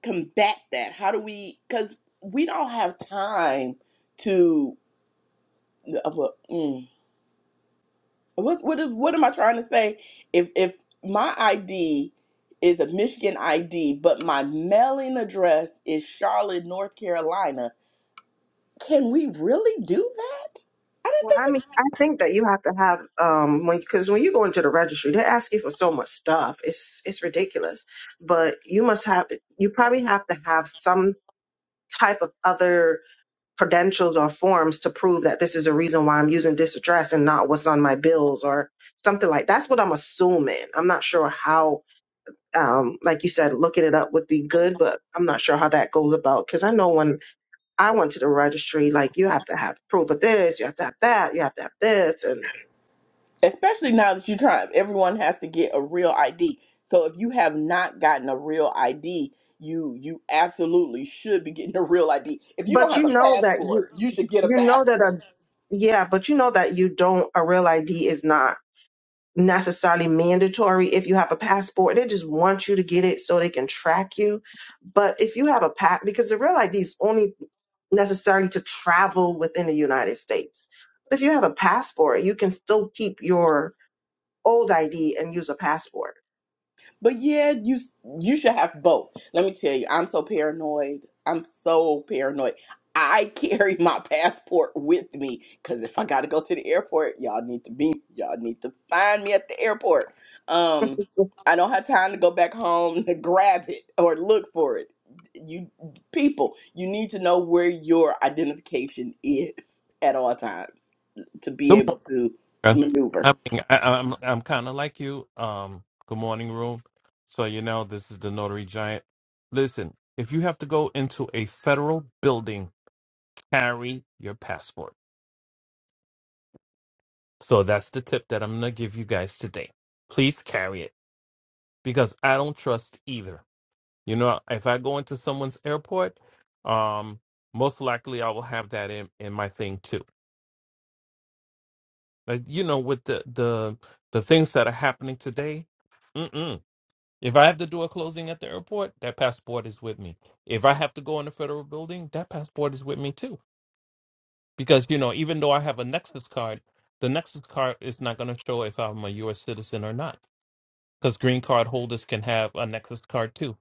A: combat that? How do we? Because we don't have time to. Uh, well, mm. What what is- what am I trying to say? If if my ID is a Michigan ID, but my mailing address is Charlotte, North Carolina, can we really do that? I didn't
D: Well,
A: think
D: I
A: we
D: mean, I think that you have to have um, when because when you go into the registry, they ask you for so much stuff. It's it's ridiculous, but you must have you probably have to have some type of other credentials or forms to prove that this is the reason why I'm using this address and not what's on my bills or something like that's what I'm assuming. I'm not sure how um like you said looking it up would be good, but I'm not sure how that goes about cuz I know when I went to the registry like you have to have proof of this, you have to have that, you have to have this and
A: could. Especially now that you're trying, everyone has to get a real ID. So if you have not gotten a real ID, you you absolutely should be getting a real ID. If you don't
D: but you
A: have a
D: know that you
A: passport, you should get a
D: you know that a
A: passport.
D: yeah, but you know that you don't a real ID is not necessarily mandatory if you have a passport. They just want you to get it so they can track you. But if you have a pass, because the real ID is only necessary to travel within the United States. If you have a passport, you can still keep your old ID and use a passport.
A: But yeah, you you should have both. Let me tell you, I'm so paranoid. I'm so paranoid. I carry my passport with me because if I gotta go to the airport, y'all need to be y'all need to find me at the airport. Um, I don't have time to go back home to grab it or look for it. You people, you need to know where your identification is at all times to be
E: Good
A: able
E: morning.
A: to
E: Beth.
A: maneuver.
E: I mean, I, I'm I'm kind of like you. Um, good morning, room. So you know, this is the notary giant. Listen, if you have to go into a federal building, carry your passport. So that's the tip that I'm gonna give you guys today. Please carry it because I don't trust either. You know, if I go into someone's airport, um, most likely I will have that in in my thing too. But you know, with the the the things that are happening today. Mm-mm. If I have to do a closing at the airport, that passport is with me. If I have to go in the federal building, that passport is with me too. Because, you know, even though I have a Nexus card, the Nexus card is not going to show if I'm a US citizen or not. Because green card holders can have a Nexus card too.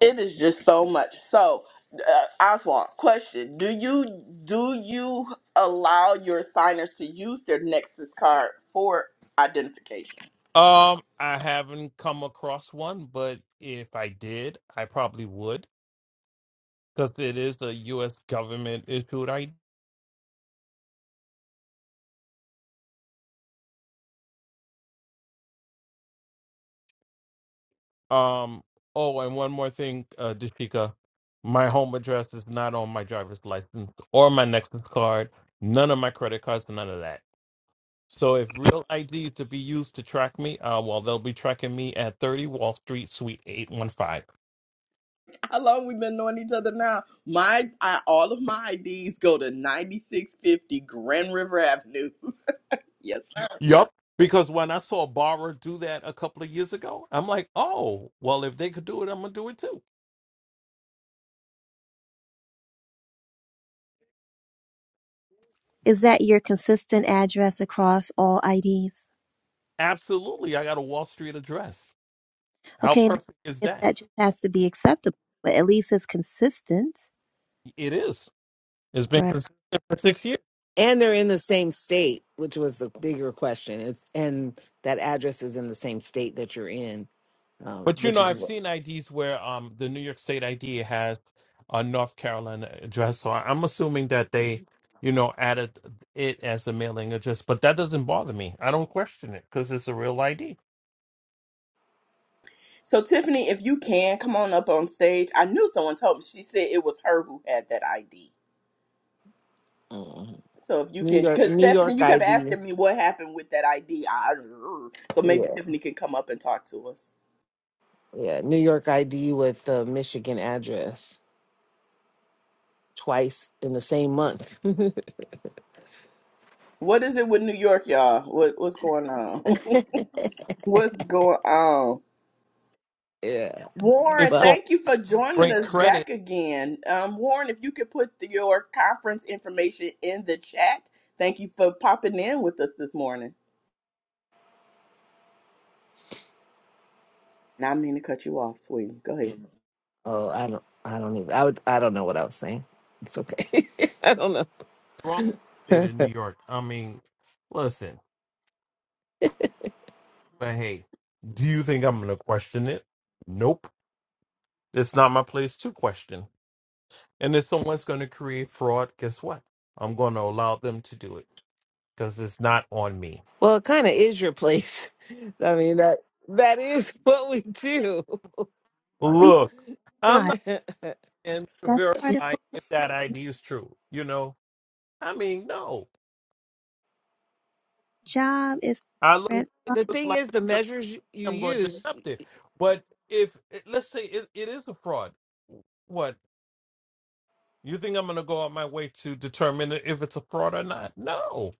A: It is just so much. So, uh, Oswald, question: Do you do you allow your signers to use their Nexus card for identification?
E: Um, I haven't come across one, but if I did, I probably would. Because it is a US government issued Um. Oh, and one more thing, uh, Dashika, my home address is not on my driver's license or my Nexus card. None of my credit cards, none of that. So if real ID is to be used to track me, uh, well, they'll be tracking me at 30 Wall Street, Suite 815.
A: How long we been knowing each other now? My I, all of my IDs go to ninety six fifty Grand River Avenue. yes, sir.
E: Yup. Because when I saw a borrower do that a couple of years ago, I'm like, oh, well, if they could do it, I'm gonna do it too.
C: Is that your consistent address across all IDs?
E: Absolutely, I got a Wall Street address. How
C: Okay,
E: perfect is
C: if
E: that?
C: that just has to be acceptable, but at least it's consistent,
E: It is. It's been
C: right?
E: consistent for six years.
B: and they're in the same state which was the bigger question it's, and that address is in the same state that you're in um,
E: But you
B: which
E: know,
B: is
E: I've
B: what
E: seen IDs where um the New York State ID has a North Carolina address, so I- I'm assuming that they, you know, added it as a mailing address. But that doesn't bother me. I don't question it because it's a real ID.
A: So, Tiffany, if you can come on up on stage, I knew someone told me. She said it was her who had that ID.
B: mhm.
A: So if you
B: new
A: can,
B: york
A: because
B: new
A: Stephanie,
B: york
A: you kept
B: id
A: asking me what happened with that ID. so maybe
B: yeah
A: Tiffany can come up and talk to us.
B: yeah new york id with the michigan address twice in the same month
A: What is it with New York, y'all? What what's going on? what's going on?
B: yeah
A: Warren,
E: It's
B: but
E: called
A: thank you for joining
E: great
A: us
E: credit
A: back again. Um, Warren, if you could put the- your conference information in the chat, thank you for popping in with us this morning. Not mean to cut you off, sweetie. Go ahead.
B: Oh, I don't. I don't even. I would. I don't know what I was saying. It's okay. I don't know.
E: from the state of New York. I mean, listen, but hey, do you think I'm gonna question it? Nope. It's not my place to question. And if someone's gonna create fraud, guess what? I'm gonna allow them to do it because it's not on me.
B: Well, it kind of is your place. I mean that that is what we do.
C: We
E: Look, I'm
C: provide.
E: not
B: the
E: in to
C: That's part of
E: verify if that
C: the
E: ID is true. You know, I mean, no.
C: job is
E: I look,
C: rent.
E: it looks
B: thing
E: like
B: is,
E: a
B: the
E: fraud,
B: measures you you
E: I'm going to
B: use.
E: accept it. But if eh, let's say it, it is a fraud, what you think I'm going to go out my way to determine if it's a fraud or not? No.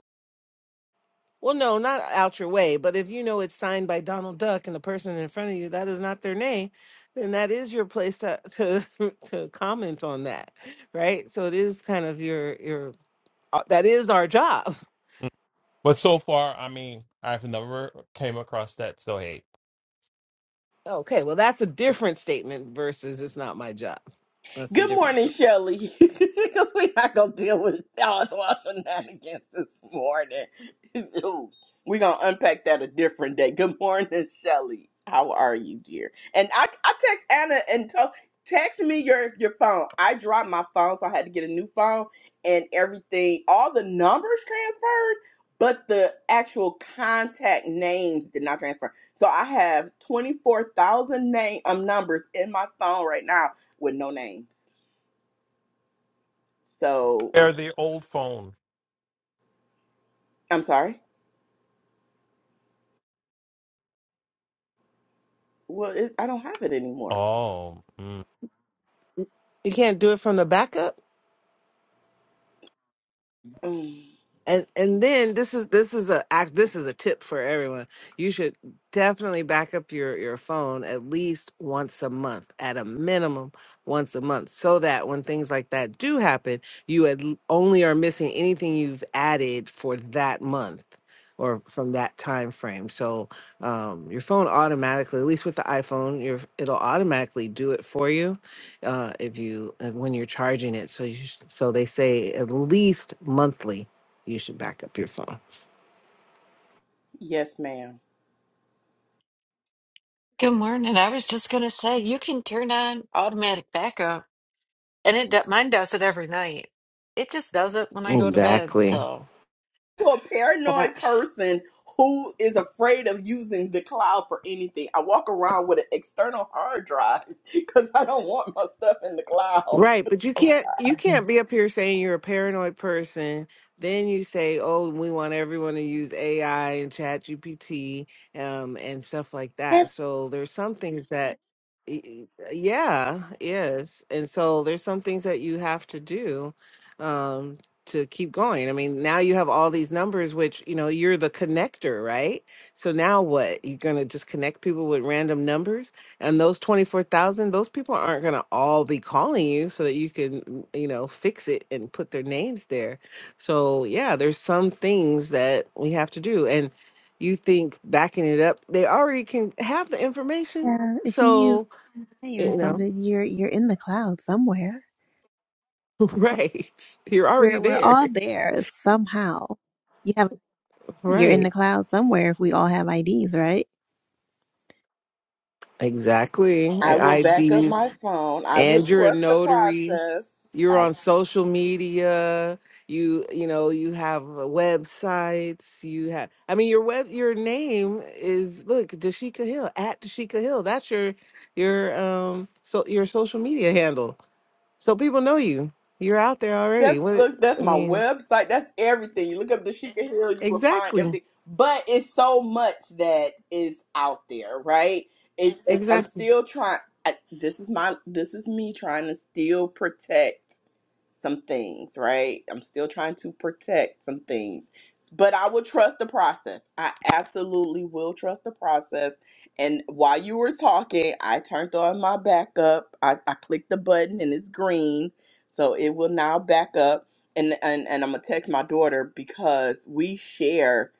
B: Well, no, not out your way. But if you know it's signed by Donald Duck and the person in front of you that is not their name, then that is your place to to to comment on that, right? So it is kind of your your. uh, That is our job.
E: But so far, I mean, I've never came across that. So hey,
B: Okay, well, that's a different statement versus it's not my job. That's a
A: Good
B: different
A: morning,
B: statement.
A: Shelley. Because we're not going to deal with all our shenanigans this morning. Ooh, we're going to unpack that a different day. Good morning, Shelley. How are you, dear? And I, I text Anna and told, text me your, your phone. I dropped my phone, so I had to get a new phone and everything. All the numbers transferred, but the actual contact names did not transfer. So I have 24,000 name, um, numbers in my phone right now with no names. So
E: they're the old phone.
A: I'm sorry. Well, it, I don't have it anymore.
E: Oh, mm,
B: You can't do it from the backup?
A: Mm,
B: and and then this is this is a act this is a tip for everyone you should definitely back up your your phone at least once a month at a minimum once a month so that when things like that do happen you at l- only are missing anything you've added for that month or from that time frame so um, your phone automatically at least with the iphone your it'll automatically do it for you uh, if you uh, when you're charging it so you s- so they say at least monthly you should back up your phone.
A: yes, ma'am.
F: Good morning. I was just gonna say you can turn on automatic backup, and it do- mine does it every night. It just does it when I go to bed.
B: Exactly.
F: So,
A: To a
F: but I,
A: paranoid person who is afraid of using the cloud for anything, I walk around with an external hard drive because I don't want my stuff in the cloud.
B: Right, but you can't you can't be up here saying you're a paranoid person. Then you say, "Oh, we want everyone to use AI and Chat GPT um, and stuff like that." So there's some things that, y- y- yeah, yes, and so there's some things that you have to do um, to keep going. I mean, now you have all these numbers, which you know you're the connector, right? So now what? You're gonna just connect people with random numbers? And those 24,000, those people aren't going to all be calling you so that you can, mm, you know, fix it and put their names there. So, yeah, there's some things that we have to do. And you think backing it up, they already can have the information.
C: Yeah, if you use
B: So,
C: AI or
B: you know,
C: something, you're you're in the cloud somewhere.
B: right. You're
C: We're
B: already
C: we're
B: there.
C: all there somehow. You have you're in
B: Right.
C: the cloud somewhere if we all have IDs, right?
B: Exactly.
A: I will
B: And
A: back up
B: IDs
A: my phone. I will
B: and you're a
A: trust the
B: notary.
A: process.
B: you're
A: I
B: on social media you you know you have uh, websites you have i mean your web your name is look dashika hill at dashika hill that's your your um so your social media handle so people know you you're out there
A: That's
B: already what
A: look, that's
B: i
A: my
B: mean
A: website. That's everything. You look up the Sheikah Hill, you will find
B: exactly
A: everything. But it's so much that is out there, right? It, it- I'm
B: exactly
A: still trying. I, this is my. This is me trying to still protect some things, right? I'm still trying to protect some things. But I will trust the process. I absolutely will trust the process. And while you were talking, I turned on my backup. I, I clicked the button and it's green so it will now back up, and and and I'm gonna text my daughter because we share.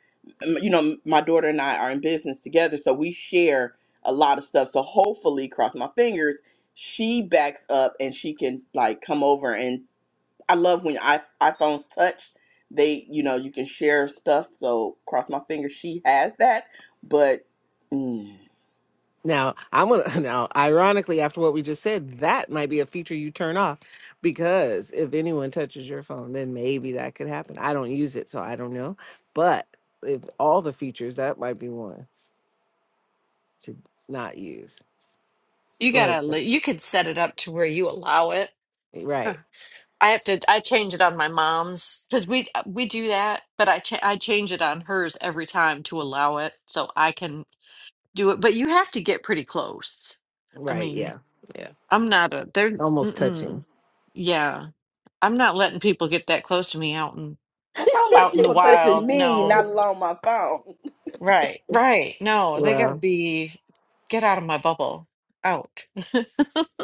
A: um, You know, my daughter and I are in business together, so we share a lot of stuff. So hopefully, cross my fingers, she backs up and she can like come over. And I love when i iPhones touch. They, you know, you can share stuff. So cross my fingers, she has that. But mm,
B: Now, I'm gonna now, ironically, after what we just said, that might be a feature you turn off because if anyone touches your phone, then maybe that could happen. I don't use it, so I don't know. But if all the features, that might be one to not use.
F: you
B: Go ahead.
F: gotta
B: Sir.
F: li- you could set it up to where you allow it. Huh.
B: Right,
F: I have to I change it on my mom's because we uh, we do that, but I cha- I change it on hers every time to allow it so I can do it. But you have to get pretty close. I
B: right,
F: mean,
B: yeah, yeah.
F: I'm not a they're
B: Almost
F: mm-mm,
B: touching.
F: yeah. I'm not letting people get that close to me out
A: I don't like
F: out in the
A: people touching
F: wild.
A: me,
F: No,
A: not alone my phone.
F: right, right. No, they got to
B: Well,
F: be get out of my bubble. Out.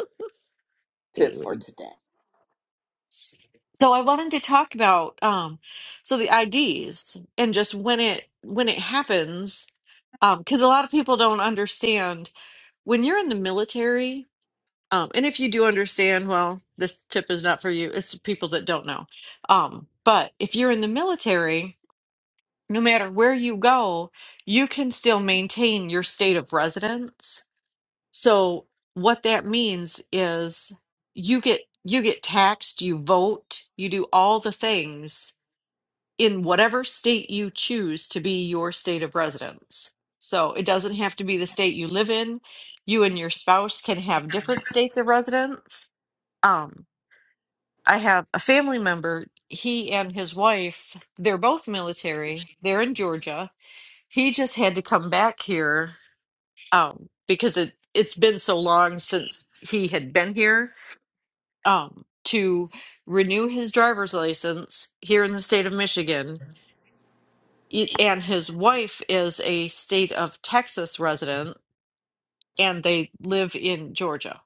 A: Tip
B: anyway,
A: for today.
F: so I wanted to talk about um so the IDs and just when it when it happens um cuz a lot of people don't understand when you're in the military um and if you do understand well this tip is not for you it's the people that don't know um but if you're in the military no matter where you go, you can still maintain your state of residence. So what that means is you get you get taxed, you vote, you do all the things in whatever state you choose to be your state of residence. So it doesn't have to be the state you live in. You and your spouse can have different states of residence. Um I have a family member, he and his wife, they're both military. They're in Georgia he just had to come back here um, because it it's been so long since he had been here um, to renew his driver's license here in the state of Michigan. It- And his wife is a state of Texas resident, and they live in Georgia.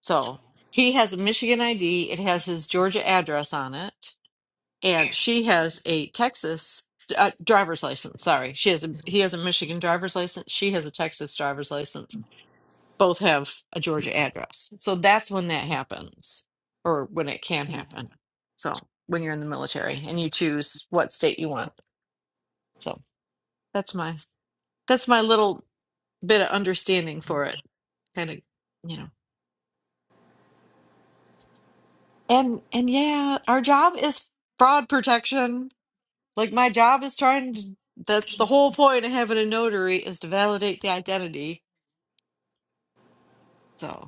F: So he has a Michigan ID. It has his Georgia address on it, and she has a Texas uh, driver's license. Sorry, she has a he has a Michigan driver's license. She has a Texas driver's license both have a Georgia address. So that's when that happens, or when it can happen. So when you're in the military and you choose what state you want. So that's my that's my little bit of understanding for it. Kind of, you know. And and yeah, our job is fraud protection. Like my job is trying to that's the whole point of having a notary is to validate the identity. So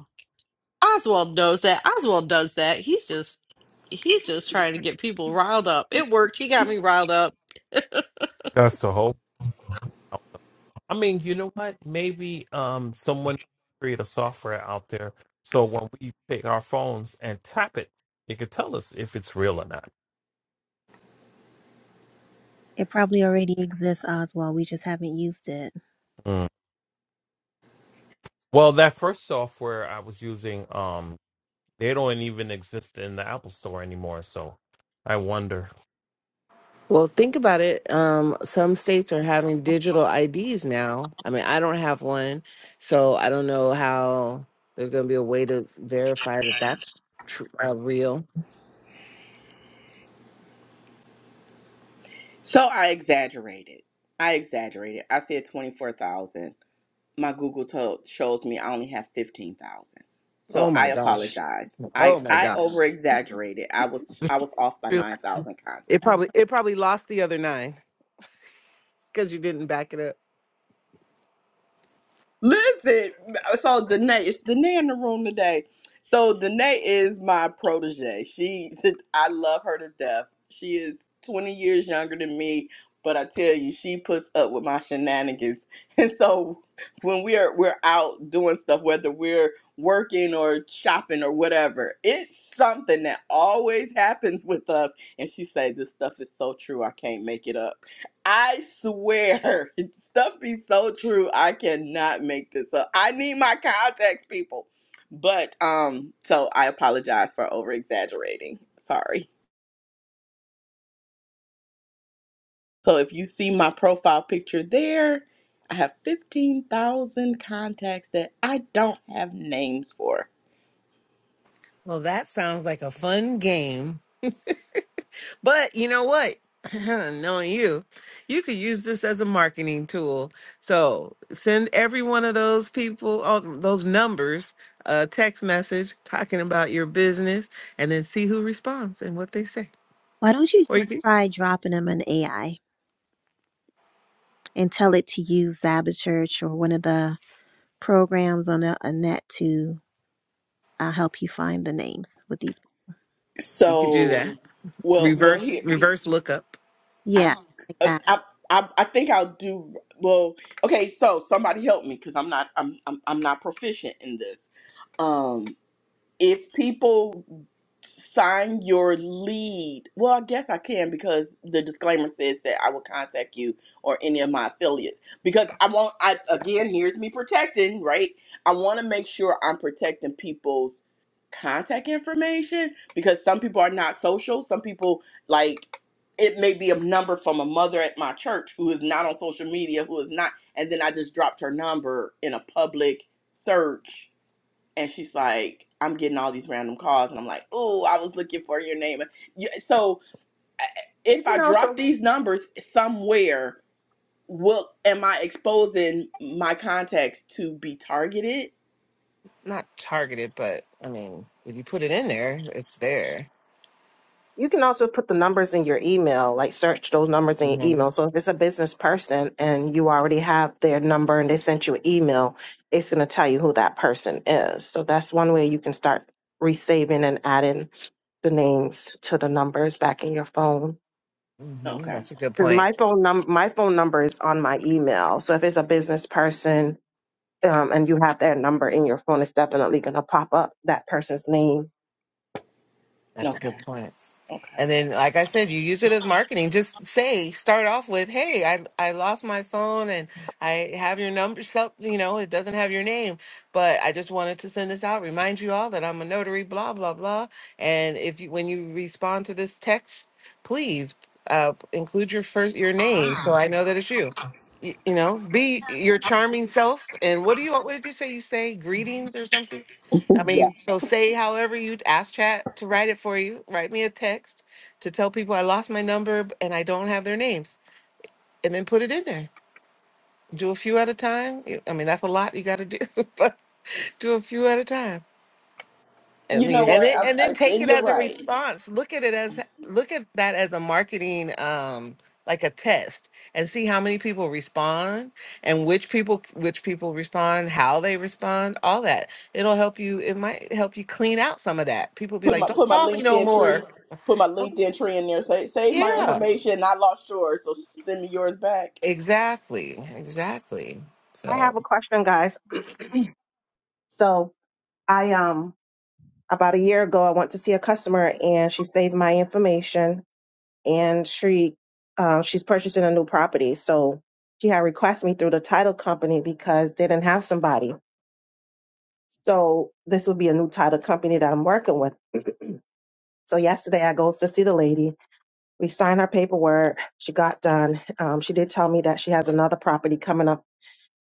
F: Oswald knows that. Oswald does that. He's just he's just trying to get people riled up. It worked. He got me riled up.
E: that's the hope. I mean, you know what? Maybe um someone create a software out there so when we take our phones and tap it, it could tell us if it's real or not.
C: It probably already exists, Oswald. We just haven't used it.
E: Mm. Well, that first software I was using, um, they don't even exist in the Apple Store anymore. So I wonder.
B: Well, think about it. Um, some states are having digital IDs now. I mean, I don't have one, so I don't know how there's going to be a way to verify that that's tr- uh, real.
A: So I exaggerated. I exaggerated. I said 24,000. My Google told, shows me I only have 15,000. So
B: Oh my
A: I
B: gosh!
A: apologize. I
B: Oh my
A: I
B: gosh!
A: over exaggerated. I was I was off by
E: Really?
A: 9,000 contacts.
B: It probably it probably lost the other nine because you didn't back it up.
A: Listen, so Danae, it's Danae in the room today. So Danae is my protege. She, I love her to death. She is 20 years younger than me, but I tell you, she puts up with my shenanigans. And so when we are we're out doing stuff, whether we're working or shopping or whatever, it's something that always happens with us. And she say, "This stuff is so true. I can't make it up." I swear, stuff be so true. I cannot make this up. I need my contacts, people. But um, so I apologize for over exaggerating. Sorry. So if you see my profile picture there, I have fifteen thousand contacts that I don't have names for.
B: Well, that sounds like a fun game. But you know what? Knowing you, you could use this as a marketing tool. So send every one of those people, all those numbers, a text message talking about your business, and then see who responds and what they say.
C: Why don't you
B: Or
C: just
B: you could
C: try dropping them in AI? and tell it to use Zabba Church or one of the programs on the on that to uh, help you find the names with these.
B: you could do
A: So
B: that
A: well, well
B: reverse
A: here.
B: reverse lookup.
A: I,
C: Yeah, like
A: uh,
C: that.
A: I, I, I think I'll do well. Okay, so somebody help me because I'm not, I'm, I'm, I'm not proficient in this. Um, if people sign your lead, well, I guess I can because the disclaimer says that I will contact you or any of my affiliates because I want. I again, here's me protecting, right? I want to make sure I'm protecting people's contact information because some people are not social. Some people like it may be a number from a mother at my church who is not on social media, who is not, and then I just dropped her number in a public search and she's like, I'm getting all these random calls, and I'm like, oh, I was looking for your name. You- So if
D: You
A: I
D: know, so
A: drop these numbers somewhere, will am I exposing my contacts to be targeted?
B: Not targeted, but I mean, if you put it in there, it's there.
D: You can also put the numbers in your email, like search those numbers in your
B: hmm
D: email. So if it's a business person and you already have their number and they sent you an email, it's going to tell you who that person is. So that's one way you can start resaving and adding the names to the numbers back in your phone.
B: hmm
A: Okay,
B: That's a good
D: Because
B: point.
D: my phone num my phone number is on my email. So if it's a business person um, and you have their number in your phone, it's definitely going to pop up that person's name.
B: That's a good
A: okay,
B: point. And
A: okay.
B: then, like I said, you use it as marketing. Just say, start off with, "Hey, I I lost my phone, and I have your number. So, you know, it doesn't have your name, but I just wanted to send this out. Remind you all that I'm a notary. Blah blah blah. And if you, when you respond to this text, please uh, include your first your name, so I know that it's you. You, you know, be your charming self. And what do you? What did you say? You say greetings or something? I
A: yeah.
B: mean, so say however you ask chat to write it for you. Write me a text to tell people I lost my number b- and I don't have their names, and then put it in there. Do a few at a time. You- I mean, that's a lot you got to do, but do a few at a time. I
A: You know
B: mean, and
A: what?
B: then
A: I,
B: and then
A: I,
B: take
A: and
B: it
A: you're
B: as a
A: right.
B: response. Look at it as look at that as a marketing um like a test and see how many people respond and which people which people respond, how they respond, all that. It'll help you it might help you clean out some of that. People be
A: Put
B: like,
A: my
B: "Don't
A: put my
B: call me no
A: LinkedIn tree,
B: more."
A: put my LinkedIn tree in there. Say save my
B: Yeah.
A: information. I lost yours, so send me yours back.
B: Exactly. Exactly.
D: I
B: So
D: have a question, guys. So I um about a year ago I went to see a customer and she saved my information and she um she's purchasing a new property. So she had requested me through the title company because they didn't have somebody. So this would be a new title company that I'm working with. So yesterday I goes to see the lady. We signed her paperwork. She got done. Um, she did tell me that she has another property coming up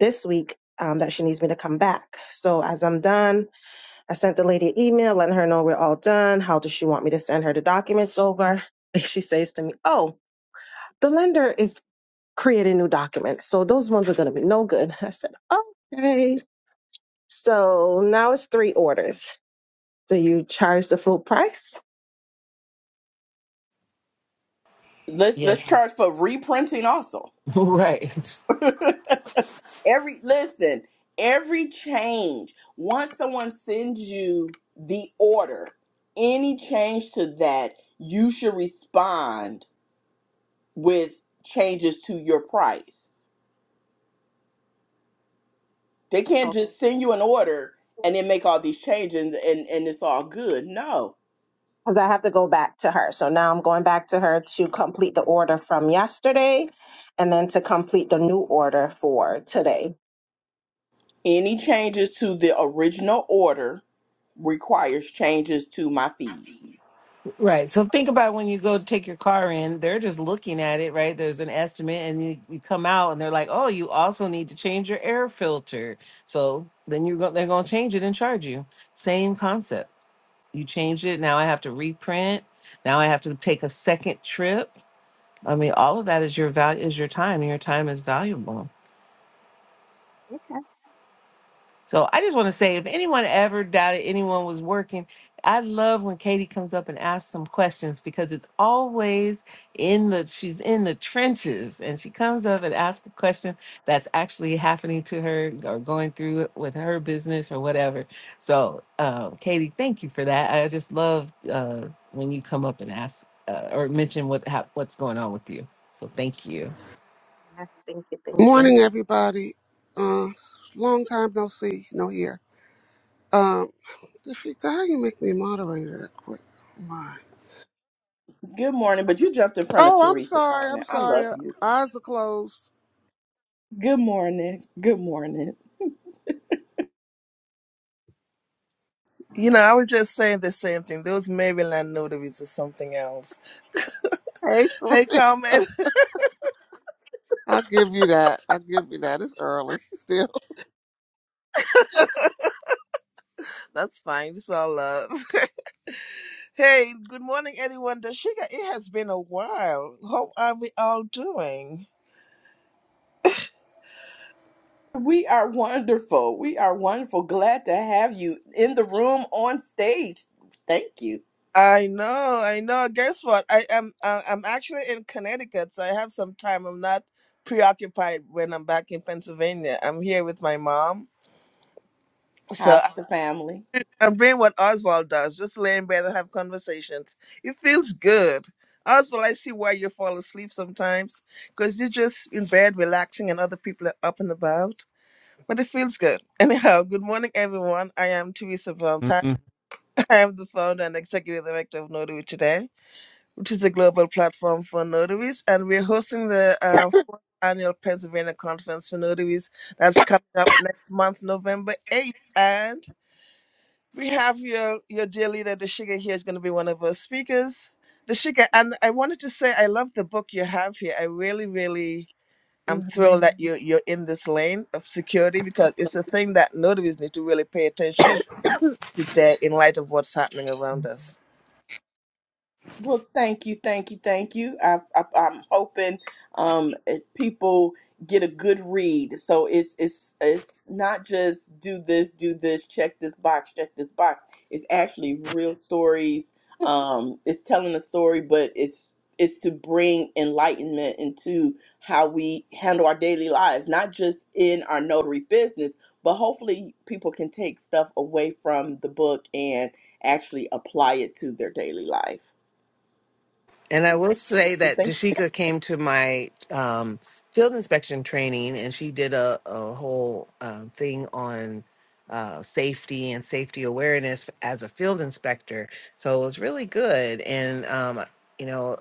D: this week um, that she needs me to come back. So as I'm done I sent the lady an email letting her know we're all done. How does she want me to send her the documents over? She says to me, Oh, the lender is creating new documents. So those ones are going to be no good. I said, Okay. So now it's three orders. Do you charge the full price?
A: Let's let's charge for reprinting also. Every listen, every change, once someone sends you the order, any change to that, you should respond with changes to your price. They can't just send you an
D: Okay.
A: order and then make all these changes and, and, and it's all good. No.
D: because I have to go back to her. So now I'm going back to her to complete the order from yesterday and then to complete the new order for today.
A: Any changes to the original order requires changes to my fees.
B: Right. So think about when you go take your car in, they're just looking at it, right? There's an estimate, and you, you come out and they're like, oh, you also need to change your air filter. So then you're go- they're going to change it and charge you. Same concept. You changed it. Now I have to reprint. Now I have to take a second trip. I mean, all of that is your value, is your time, and your time is valuable.
D: Okay.
B: So I just want to say if anyone ever doubted anyone was working, I love when Katie comes up and asks some questions because it's always in the she's in the trenches and she comes up and asks a question that's actually happening to her or going through it with her business or whatever. So um, Katie, thank you for that. I just love uh, when you come up and ask uh, or mention what hap what's going on with you. So thank you.
D: Yes, Thank you. Thank you.
G: Morning, everybody. Uh, long time no see, no hear. Um, does she how you make me moderator that quick? Oh, my.
A: Good morning, but you jumped in front of
G: Oh, I'm
A: Teresa
G: sorry.
A: Carmen.
G: I'm
A: I
G: sorry.
A: love
G: Uh,
A: you.
G: Eyes are closed.
A: Good morning. Good morning.
H: You know, I was just saying the same thing. Those Maryland notaries or something else.
G: Hey,
H: Hey,
G: Teresa.
H: Carmen.
G: I'll give you that. I'll give you that. It's early. Still.
H: That's fine. It's all love. hey, good morning, everyone. Dashika, it has been a while. How are we all doing?
A: We are wonderful. We are wonderful. Glad to have you in the room on stage. Thank you.
H: I know, I know. Guess what? I am. uh, I'm actually in Connecticut, so I have some time. I'm not preoccupied when I'm back in Pennsylvania. I'm here with my mom, so
A: How's the family?
H: I'm doing what Oswald does, just lay in bed and have conversations. It feels good. Oswald, I see why you fall asleep sometimes because you're just in bed relaxing and other people are up and about. But it feels good. Anyhow, good morning, everyone. I am Teresa Valentine.
E: Mm-mm.
H: I am the founder and executive director of Notary Today, which is a global platform for notaries. And we're hosting the uh, fourth annual Pennsylvania Conference for Notaries that's coming up next month, November 8th. And we have your your dear leader, Dashika, here is going to be one of our speakers. Dashika, and I wanted to say I love the book you have here. I really, really am
C: hmm
H: thrilled that you you're in this lane of security because it's a thing that notaries need to really pay attention to today in light of what's happening around us.
A: Well, thank you, thank you, thank you. I, I, I'm hoping um, if people get a good read. So it's it's it's not just do this, do this, check this box, check this box. It's actually real stories. Um, it's telling a story, but it's it's to bring enlightenment into how we handle our daily lives, not just in our notary business, but hopefully people can take stuff away from the book and actually apply it to their daily life.
B: And I will say
A: So
B: that
A: thank.
B: Dashika came to my um, field inspection training and she did a, a whole um, thing on uh, safety and safety awareness as a field inspector. So it was really good. And, um, you know,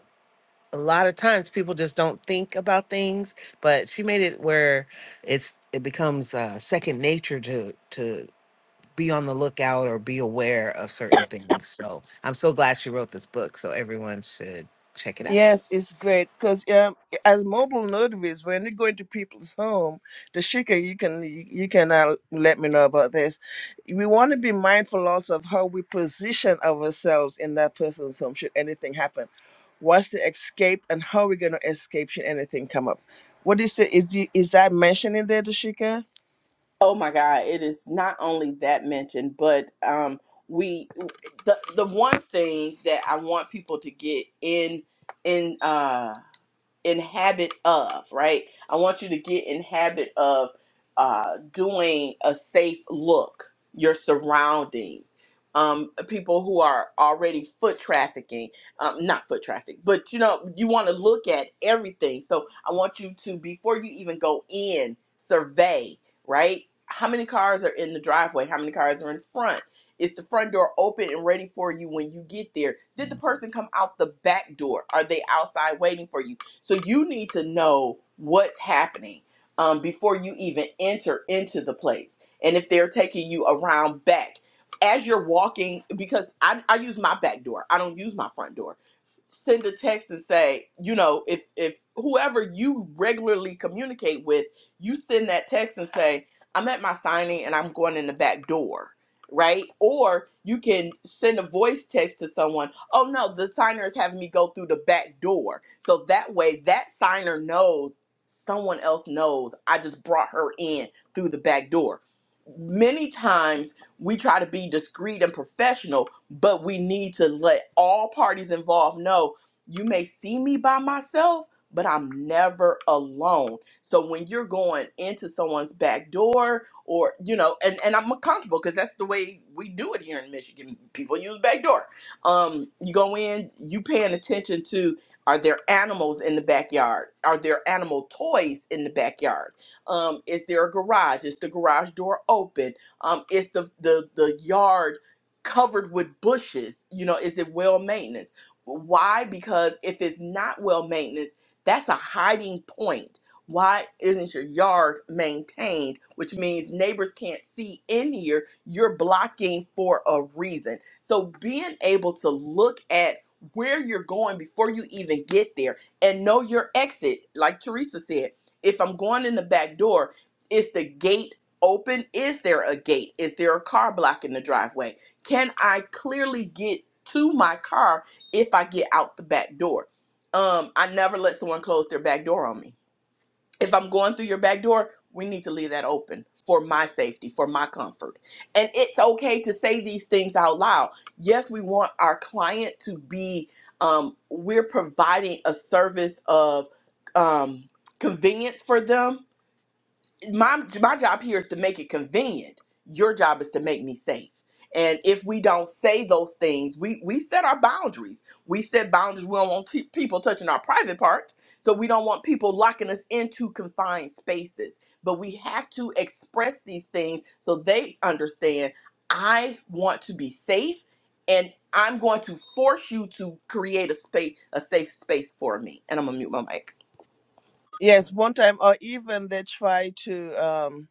B: a lot of times people just don't think about things, but she made it where it's it becomes uh, second nature to to be on the lookout or be aware of certain things. So I'm so glad she wrote this book. So everyone should check it out.
H: Yes, it's great because um, as mobile notaries, when you go into people's home, Tashika, you can you can uh, let me know about this. We want to be mindful also of how we position ourselves in that person's home should anything happen. What's the escape and how we're going to escape should anything come up? What is it? Is, the- is that mentioned in there, Tashika?
A: Oh my God! It is not only that mentioned, but um, we the the one thing that I want people to get in in uh in habit of right i want you to get in habit of uh, doing a safe look your surroundings um, people who are already foot trafficking um, not foot traffic but you know you want to look at everything so i want you to before you even go in survey right how many cars are in the driveway how many cars are in front is the front door open and ready for you when you get there did the person come out the back door are they outside waiting for you so you need to know what's happening um, before you even enter into the place. And if they're taking you around back as you're walking, because I, I use my back door, I don't use my front door send a text and say, you know, if if whoever you regularly communicate with, you send that text and say, I'm at my signing and I'm going in the back door, right? Or you can send a voice text to someone, oh no, the signer is having me go through the back door. So that way that signer knows someone else knows I just brought her in through the back door. Many times we try to be discreet and professional, but we need to let all parties involved know you may see me by myself, but I'm never alone. So when you're going into someone's back door or, you know, and, and I'm comfortable because that's the way we do it here in Michigan. People use back door. Um, you go in, you paying attention to are there animals in the backyard? Are there animal toys in the backyard? Um, is there a garage? Is the garage door open? Um, is the, the the yard covered with bushes, you know, is it well maintenance? Why? Because if it's not well maintenance, that's a hiding point. Why isn't your yard maintained? Which means neighbors can't see in here. You're blocking for a reason. So being able to look at where you're going before you even get there and know your exit, like Teresa said, if I'm going in the back door, is the gate open? Is there a gate? Is there a car blocking the driveway? can I clearly get to my car if I get out the back door? Um, I never let someone close their back door on me. If I'm going through your back door, we need to leave that open for my safety, for my comfort. And it's okay to say these things out loud. Yes, we want our client to be, um, we're providing a service of um, convenience for them my my job here is to make it convenient. Your job is to make me safe. And if we don't say those things, we we set our boundaries. We set boundaries. We don't want pe- people touching our private parts, so we don't want people locking us into confined spaces. But we have to express these things so they understand. I want to be safe, and I'm going to force you to create a space, a safe space for me. And I'm gonna mute my mic.
H: Yes, one time, or even they try to. Um,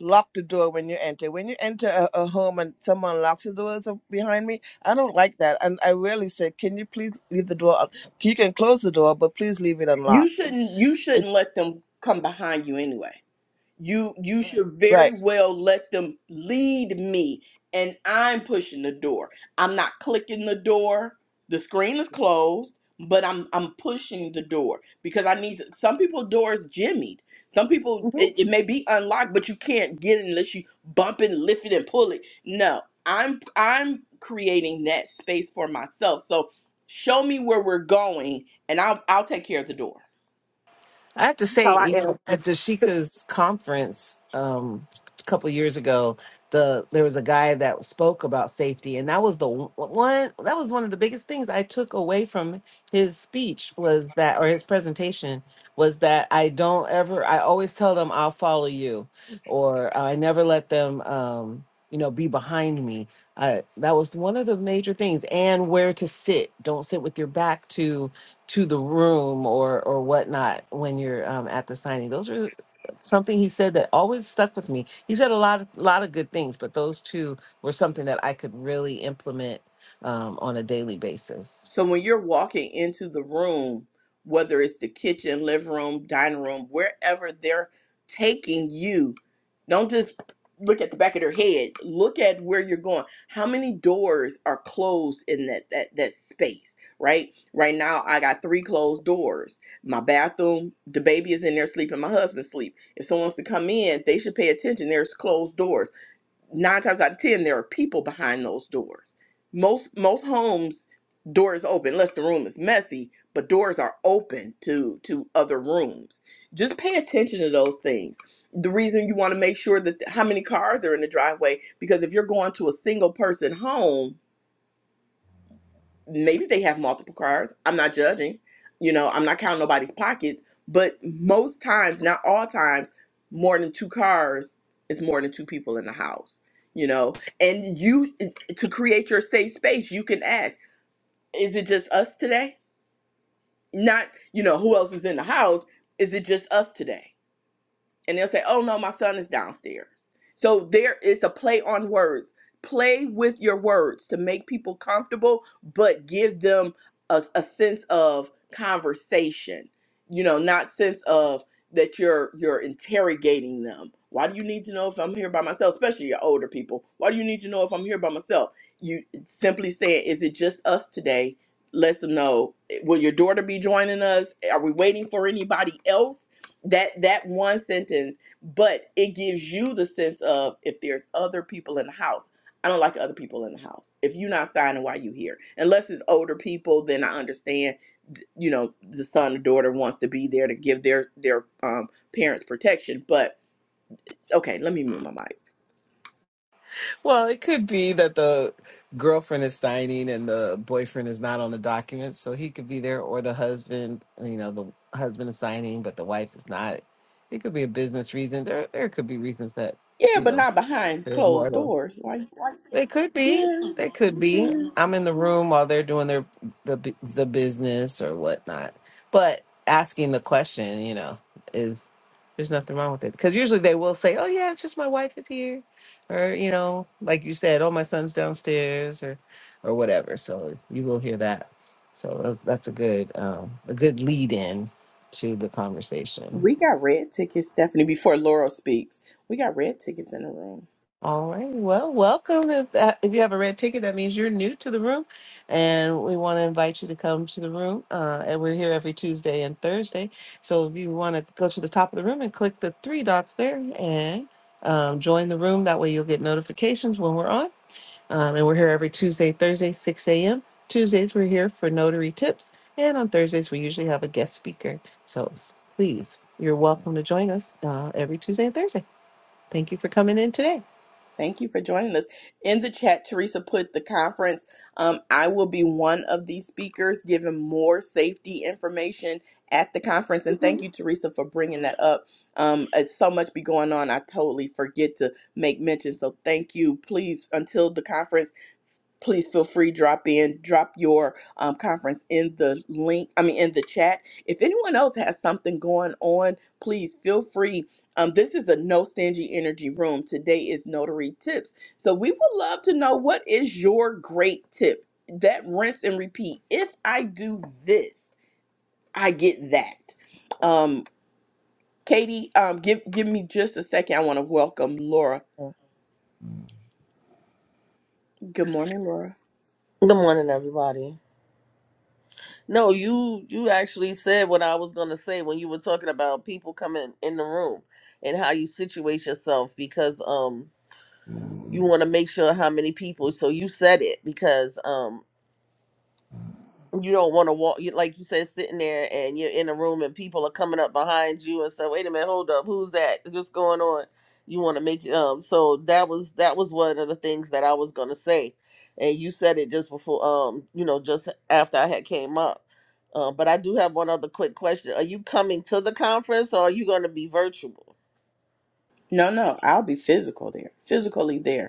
H: lock the door when you enter. When you enter a, a home and someone locks the doors up behind me, I don't like that. And I really say, can you please leave the door? un- You can close the door, but please leave it
A: You
H: unlocked.
A: shouldn't. You
H: It,
A: shouldn't let them come behind you anyway. You you should very
H: right.
A: well let them lead me and I'm pushing the door. I'm not clicking the door. The screen is closed, but I'm I'm pushing the door because I need to, some people doors jimmied. Some people
H: hmm
A: it, it may be unlocked, but you can't get it unless you bump it, lift it, and pull it. No, I'm I'm creating that space for myself. So show me where we're going and I'll I'll take care of the door.
B: I have to
D: So
B: say,
D: I
B: you
D: am
B: know, at Dashika's conference um, a couple years ago, the there was a guy that spoke about safety, and that was the w- one that was one of the biggest things I took away from his speech was that, or his presentation was that I don't ever, I always tell them I'll follow you, or uh, I never let them, um, you know, be behind me. I, that was one of the major things, and where to sit. Don't sit with your back to to the room or or whatnot when you're um, at the signing. Those are something he said that always stuck with me. He said a lot of lot of good things, but those two were something that I could really implement um, on a daily basis.
A: So when you're walking into the room, whether it's the kitchen, living room, dining room, wherever they're taking you, don't just look at the back of their head. Look at where you're going. How many doors are closed in that that that space, right? Right now I got three closed doors. My bathroom, the baby is in there sleeping, my husband sleep. If someone wants to come in, they should pay attention. There's closed doors nine times out of ten there are people behind those doors most most homes doors open unless the room is messy but doors are open to to other rooms just pay attention to those things the reason you want to make sure that how many cars are in the driveway because if you're going to a single person home maybe they have multiple cars. I'm not judging. You know, I'm not counting nobody's pockets, but most times, not all times, more than two cars is more than two people in the house, you know. And you to create your safe space, you can ask, is it just us today? Not, you know, who else is in the house? Is it just us today? and they'll say, "Oh no, my son is downstairs." So there is a play on words. Play with your words to make people comfortable, but give them a, a sense of conversation. You know, not sense of that you're you're interrogating them. Why do you need to know if I'm here by myself? Especially your older people. Why do you need to know if I'm here by myself? You simply say, "Is it just us today?" Let them know. Will your daughter be joining us? Are we waiting for anybody else? that that one sentence but it gives you the sense of if there's other people in the house i don't like other people in the house if you're not signing why you here unless it's older people then i understand th- you know the son or daughter wants to be there to give their their um, parents protection but okay let me move my mic
B: Well, it could be that the girlfriend is signing and the boyfriend is not on the document, so he could be there, or the husband, you know, the husband is signing but the wife is not. It could be a business reason. There, there could be reasons that
A: yeah
B: you
A: but
B: know
A: not behind
B: they're
A: closed
B: mortal.
A: doors like, like
B: They could be.
A: yeah,
B: They could be.
A: yeah
B: I'm in the room while they're doing their the bu- the business or whatnot. But asking the question, you know, is there's nothing wrong with it because usually they will say, "Oh yeah, it's just my wife is here," or you know, like you said, "Oh my son's downstairs," or or whatever. So you will hear that. So that's, that's a good um, a good lead in to the conversation.
A: we got red tickets stephanie before laurel speaks we got red tickets in the room
B: All right. Well, welcome. If, that, if you have a red ticket, that means you're new to the room, and we want to invite you to come to the room. Uh, and we're here every Tuesday and Thursday. So if you want to go to the top of the room and click the three dots there and um, join the room, that way you'll get notifications when we're on. Um, and we're here every Tuesday, Thursday, 6 a.m. Tuesdays, we're here for notary tips. And on Thursdays, we usually have a guest speaker. So please, you're welcome to join us uh, every Tuesday and Thursday. Thank you for coming in today.
A: Thank you for joining us. In the chat, Teresa put the conference. Um, I will be one of these speakers giving more safety information at the conference. And thank you, Teresa, for bringing that up. Um, it's so much be going on. I totally forget to make mention. So thank you. Please, until the conference please feel free drop in drop your um, conference in the link i mean in the chat if anyone else has something going on please feel free um, this is a no stingy energy room today is notary tips so we would love to know what is your great tip that rinse and repeat if i do this i get that um, katie um, give, give me just a second i want to welcome laura good morning laura
I: Good morning, everybody. No, you you actually said what I was gonna say when you were talking about people coming in the room and how you situate yourself because um you want to make sure how many people. So you said it because um you don't want to walk you like you said sitting there and you're in a room and people are coming up behind you and say wait a minute hold up who's that what's going on you want to make um so that was that was one of the things that i was going to say and you said it just before um you know just after i had came up uh, but i do have one other quick question are you coming to the conference or are you going to be virtual
A: no no i'll be physical there physically there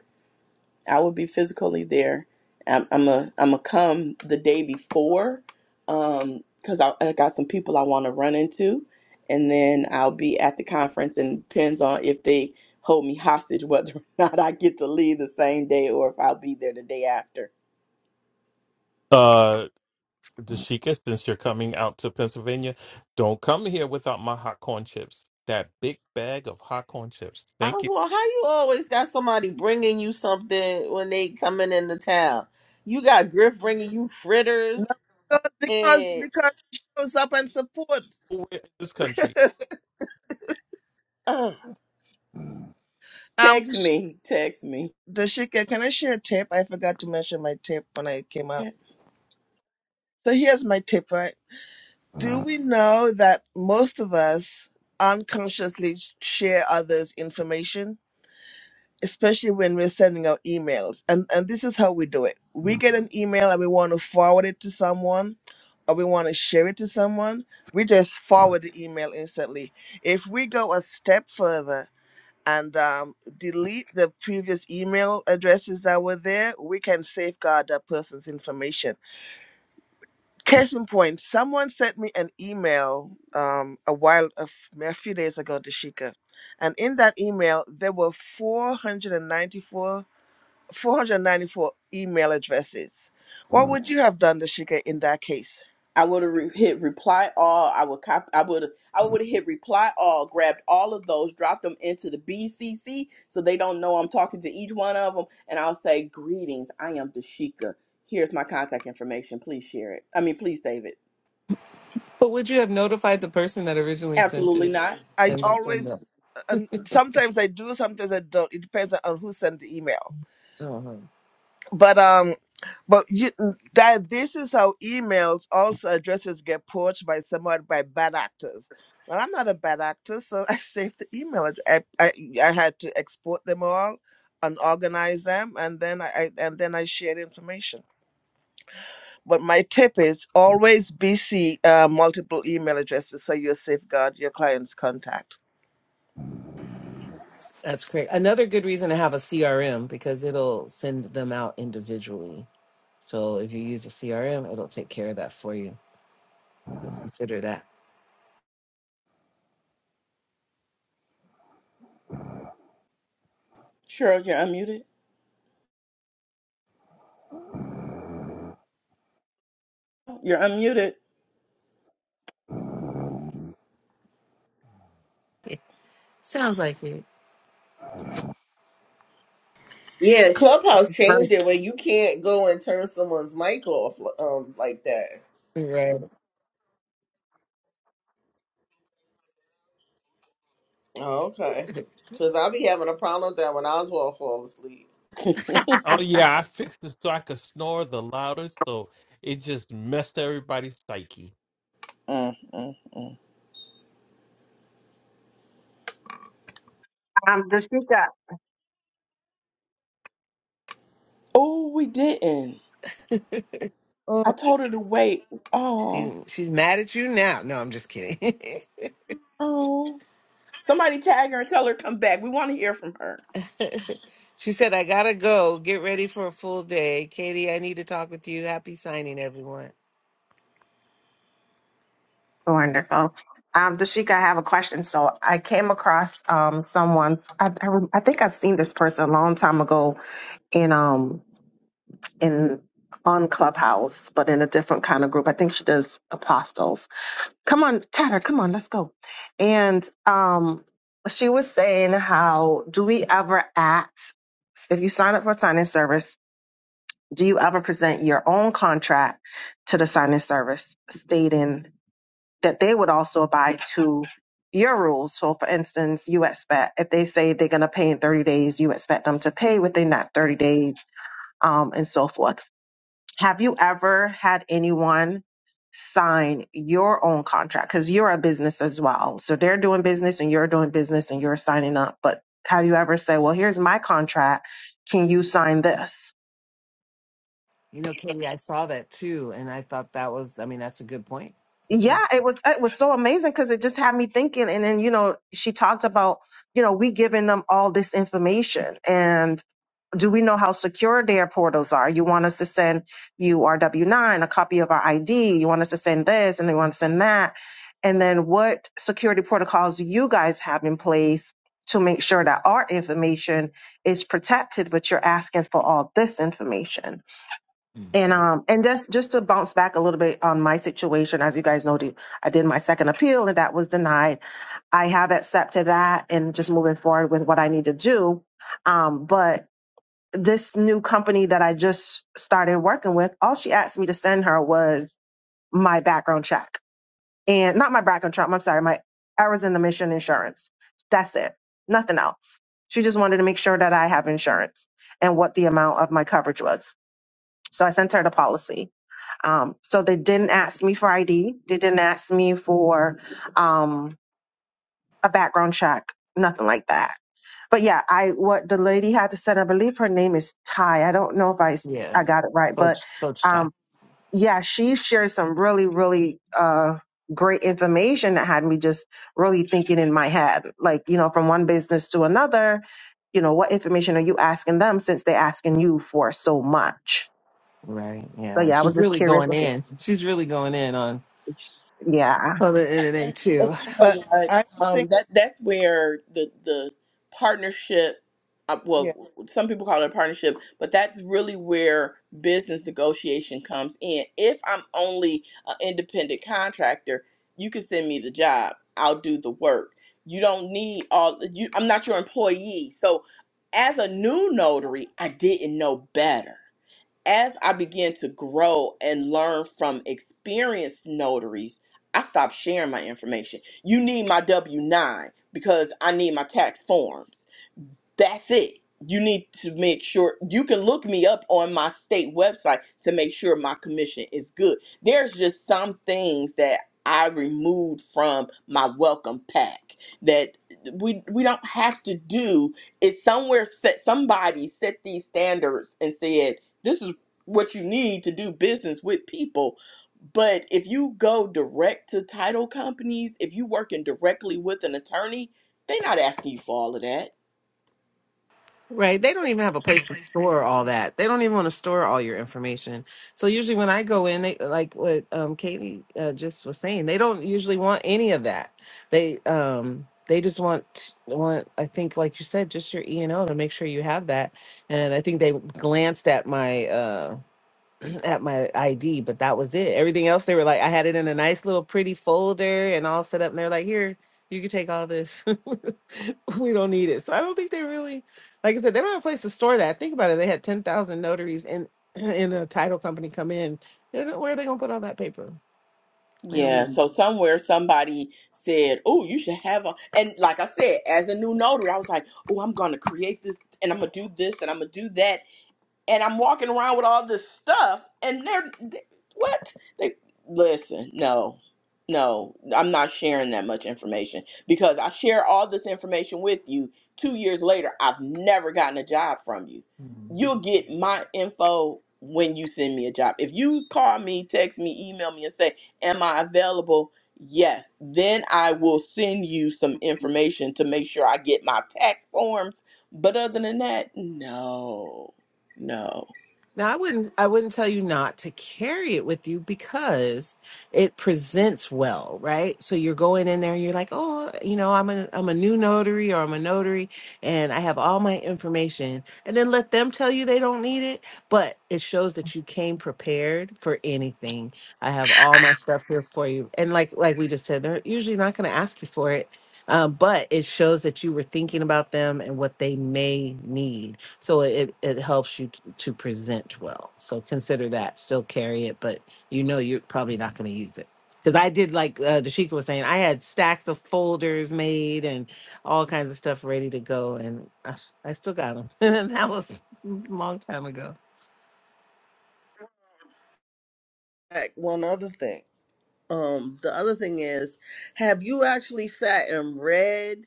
A: I will be physically there. I'm I'm a I'm a come the day before, um, cause I, I got some people I want to run into, and then I'll be at the conference. And depends on if they hold me hostage whether or not I get to leave the same day or if I'll be there the day after.
E: Uh, Dashika, since you're coming out to Pennsylvania, don't come here without my hot corn chips. That big bag of hot corn chips.
I: i
E: Thank
I: was
E: you.
I: well how you always got somebody bringing you something when they coming into town you got griff bringing you
H: No,
I: fritters
H: because because
I: and.
H: because he shows up and support.
E: Nowhere in This country
I: Uh,
H: um,
A: Text me, text me.
H: the shika. Can I share a tip? I forgot to mention my tip when I came up. So here's my tip, right? Do we know that most of us unconsciously share others' information? especially when we're sending out emails. And and this is how we do it. We get an email and we want to forward it to someone or we want to share it to someone, we just forward the email instantly. If we go a step further and um, delete the previous email addresses that were there, we can safeguard that person's information. Case in point, someone sent me an email um, a while, a, f- a few days ago, Dashika. And in that email, there were 494 494 email addresses. What would you have done, Dashika, in that case?
A: I would have re- hit reply all. I would cop. I would. I would have hit reply all. Grabbed all of those, dropped them into the BCC so they don't know I'm talking to each one of them, and I'll say greetings. I am Dashika. Here's my contact information. Please share it. I mean, please save it.
B: But would you have notified the person that originally sent
A: Absolutely
B: it?
A: not.
H: I
B: And oh,
H: always,
B: no.
H: uh, and sometimes I do, sometimes I don't. It depends on who sent the email.
B: Uh-huh.
H: But um, but you mm, that this is how emails also addresses get poached by somewhat by bad actors. Well, I'm not a bad actor, so I saved the email. address. I I, I had to export them all and organize them, and then I, I and then I shared information. But my tip is always BC uh, multiple email addresses so you safeguard your client's contact.
B: That's great. Another good reason to have a CRM because it'll send them out individually. So if you use a CRM, it'll take care of that for you. So consider that.
A: Sure, you're unmuted. You're unmuted.
B: Sounds like it.
I: yeah, Clubhouse
D: very
I: changed it where you can't go and turn someone's mic off um like that.
B: Right.
I: Oh, okay. Cause I'll be having a problem with that when Oswald falls asleep.
E: Oh yeah, I fixed it so I could snore the loudest, so it just messed everybody's psyche.
A: Mm, mm, mm.
D: um Dashika.
A: Oh, we didn't.
H: Oh,
A: I told her to wait.
B: She
A: Oh,
B: she's mad at you now. No, I'm just kidding.
A: oh. Somebody tag her and tell her come back. We want to hear from her.
B: she said, "I gotta go. Get ready for a full day, Katie. I need to talk with you. Happy signing, everyone."
D: Wonderful. Um, Dashika, I have a question. So I came across um someone I I, rem- I think I've seen this person a long time ago in um in on Clubhouse, but in a different kind of group. I think she does apostles. Come on, Tatter, come on, let's go. And um she was saying how do we ever act if you sign up for a signing service, do you ever present your own contract to the signing service stating that they would also abide to your rules? So for instance, you expect if they say they're gonna pay in 30 days, you expect them to pay within that 30 days um, and so forth have you ever had anyone sign your own contract? Because you're a business as well. So they're doing business and you're doing business and you're signing up. But have you ever said, well, here's my contract. Can you sign this?
B: You know, Katie, I saw that too, and I thought that was, I mean, that's a good point. It's
D: Yeah,
B: really,
D: it was it was so amazing because it just had me thinking. And then, you know, she talked about, you know, we giving them all this information. And do we know how secure their portals are? You want us to send you our W 9, a copy of our ID. You want us to send this and they want to send that. And then what security protocols do you guys have in place to make sure that our information is protected, but you're asking for all this information? And um and just just to bounce back a little bit on my situation, as you guys know, the- I did my second appeal and that was denied. I have accepted that and just moving forward with what I need to do. Um, but this new company that I just started working with, all she asked me to send her was my background check and not my background check. I'm sorry, my errors in the mission insurance. That's it. Nothing else. She just wanted to make sure that I have insurance and what the amount of my coverage was. So I sent her the policy. Um, so they didn't ask me for ID. They didn't ask me for um, a background check. Nothing like that but yeah, I what the lady had to send, I believe her name is Ty. I don't know if I s-
B: yeah,
D: I got it right, but
B: Coach Coach Ty,
D: um yeah, she shared some really really uh great information that had me just really thinking in my head, like you know, from one business to another. You know, what information are you asking them since they're asking you for so much?
B: right?
D: So
B: Yeah,
D: yeah, I was
B: she's
D: just
B: really
D: curious.
B: going
D: Okay.
B: in. She's really going in on
D: Yeah.
B: on the NNA
A: and, and
B: too.
A: you
H: but
A: know what?
H: I would
A: Um,
H: think,
A: that that's where the the partnership. Uh,
H: yeah.
A: well, some people call it a partnership, but that's really where business negotiation comes in. If I'm only an independent contractor, you can send me the job. I'll do the work. You don't need all. You, I'm not your employee. So, as a new notary, I didn't know better as I began to grow and learn from experienced notaries, I stopped sharing my information. You need my W 9 because I need my tax forms. That's it. You need to make sure you can look me up on my state website to make sure my commission is good. There's just some things that I removed from my welcome pack that we we don't have to do. It's somewhere set somebody set these standards and said this is what you need to do business with people. But if you go direct to title companies, if you working directly with an attorney, they're not asking you for all of that
B: Right. They don't even have a place to store all that. They don't even want to store all your information. So usually when I go in, they like what um Katie uh, just was saying, they don't usually want any of that. They um they just want want I think like you said just your E and O to make sure you have that. And I think they glanced at my uh at my ID, but that was it. Everything else, they were like, I had it in a nice little pretty folder and all set up. And they're like, here, you can take all this. we don't need it. So I don't think they really, like I said, they don't have a place to store that. Think about it. They had 10,000 notaries in, in a title company come in. They're not, where are they going to put all that paper? They don't.
A: Yeah, so somewhere somebody said, "Oh, you should have a," and like I said, as a new notary, I was like, "Oh, I'm gonna create this, and I'm gonna do this, and I'm gonna do that," and I'm walking around with all this stuff, and they're they, what? They listen. No, no, I'm not sharing that much information because I share all this information with you. Two years later, I've never gotten a job from you. You'll get my info when you send me a job. If you call me, text me, email me, and say, "Am I available?" Yes, then I will send you some information to make sure I get my tax forms. But other than that, no no.
B: Now I wouldn't I wouldn't tell you not to carry it with you because it presents well, right? So you're going in there and you're like, "Oh, you know, I'm a I'm a new notary or I'm a notary and I have all my information." And then let them tell you they don't need it, but it shows that you came prepared for anything. I have all my stuff here for you. And like like we just said, they're usually not going to ask you for it. Uh, but it shows that you were thinking about them and what they may need so it it helps you to present well. So consider that. Still carry it, but you know you're probably not going to use it. Because I did, like uh, Dashika was saying, I had stacks of folders made and all kinds of stuff ready to go, and I, s- I still got them. And that was a long time ago.
I: Like, One other thing. Um, the other thing is, have you actually sat and read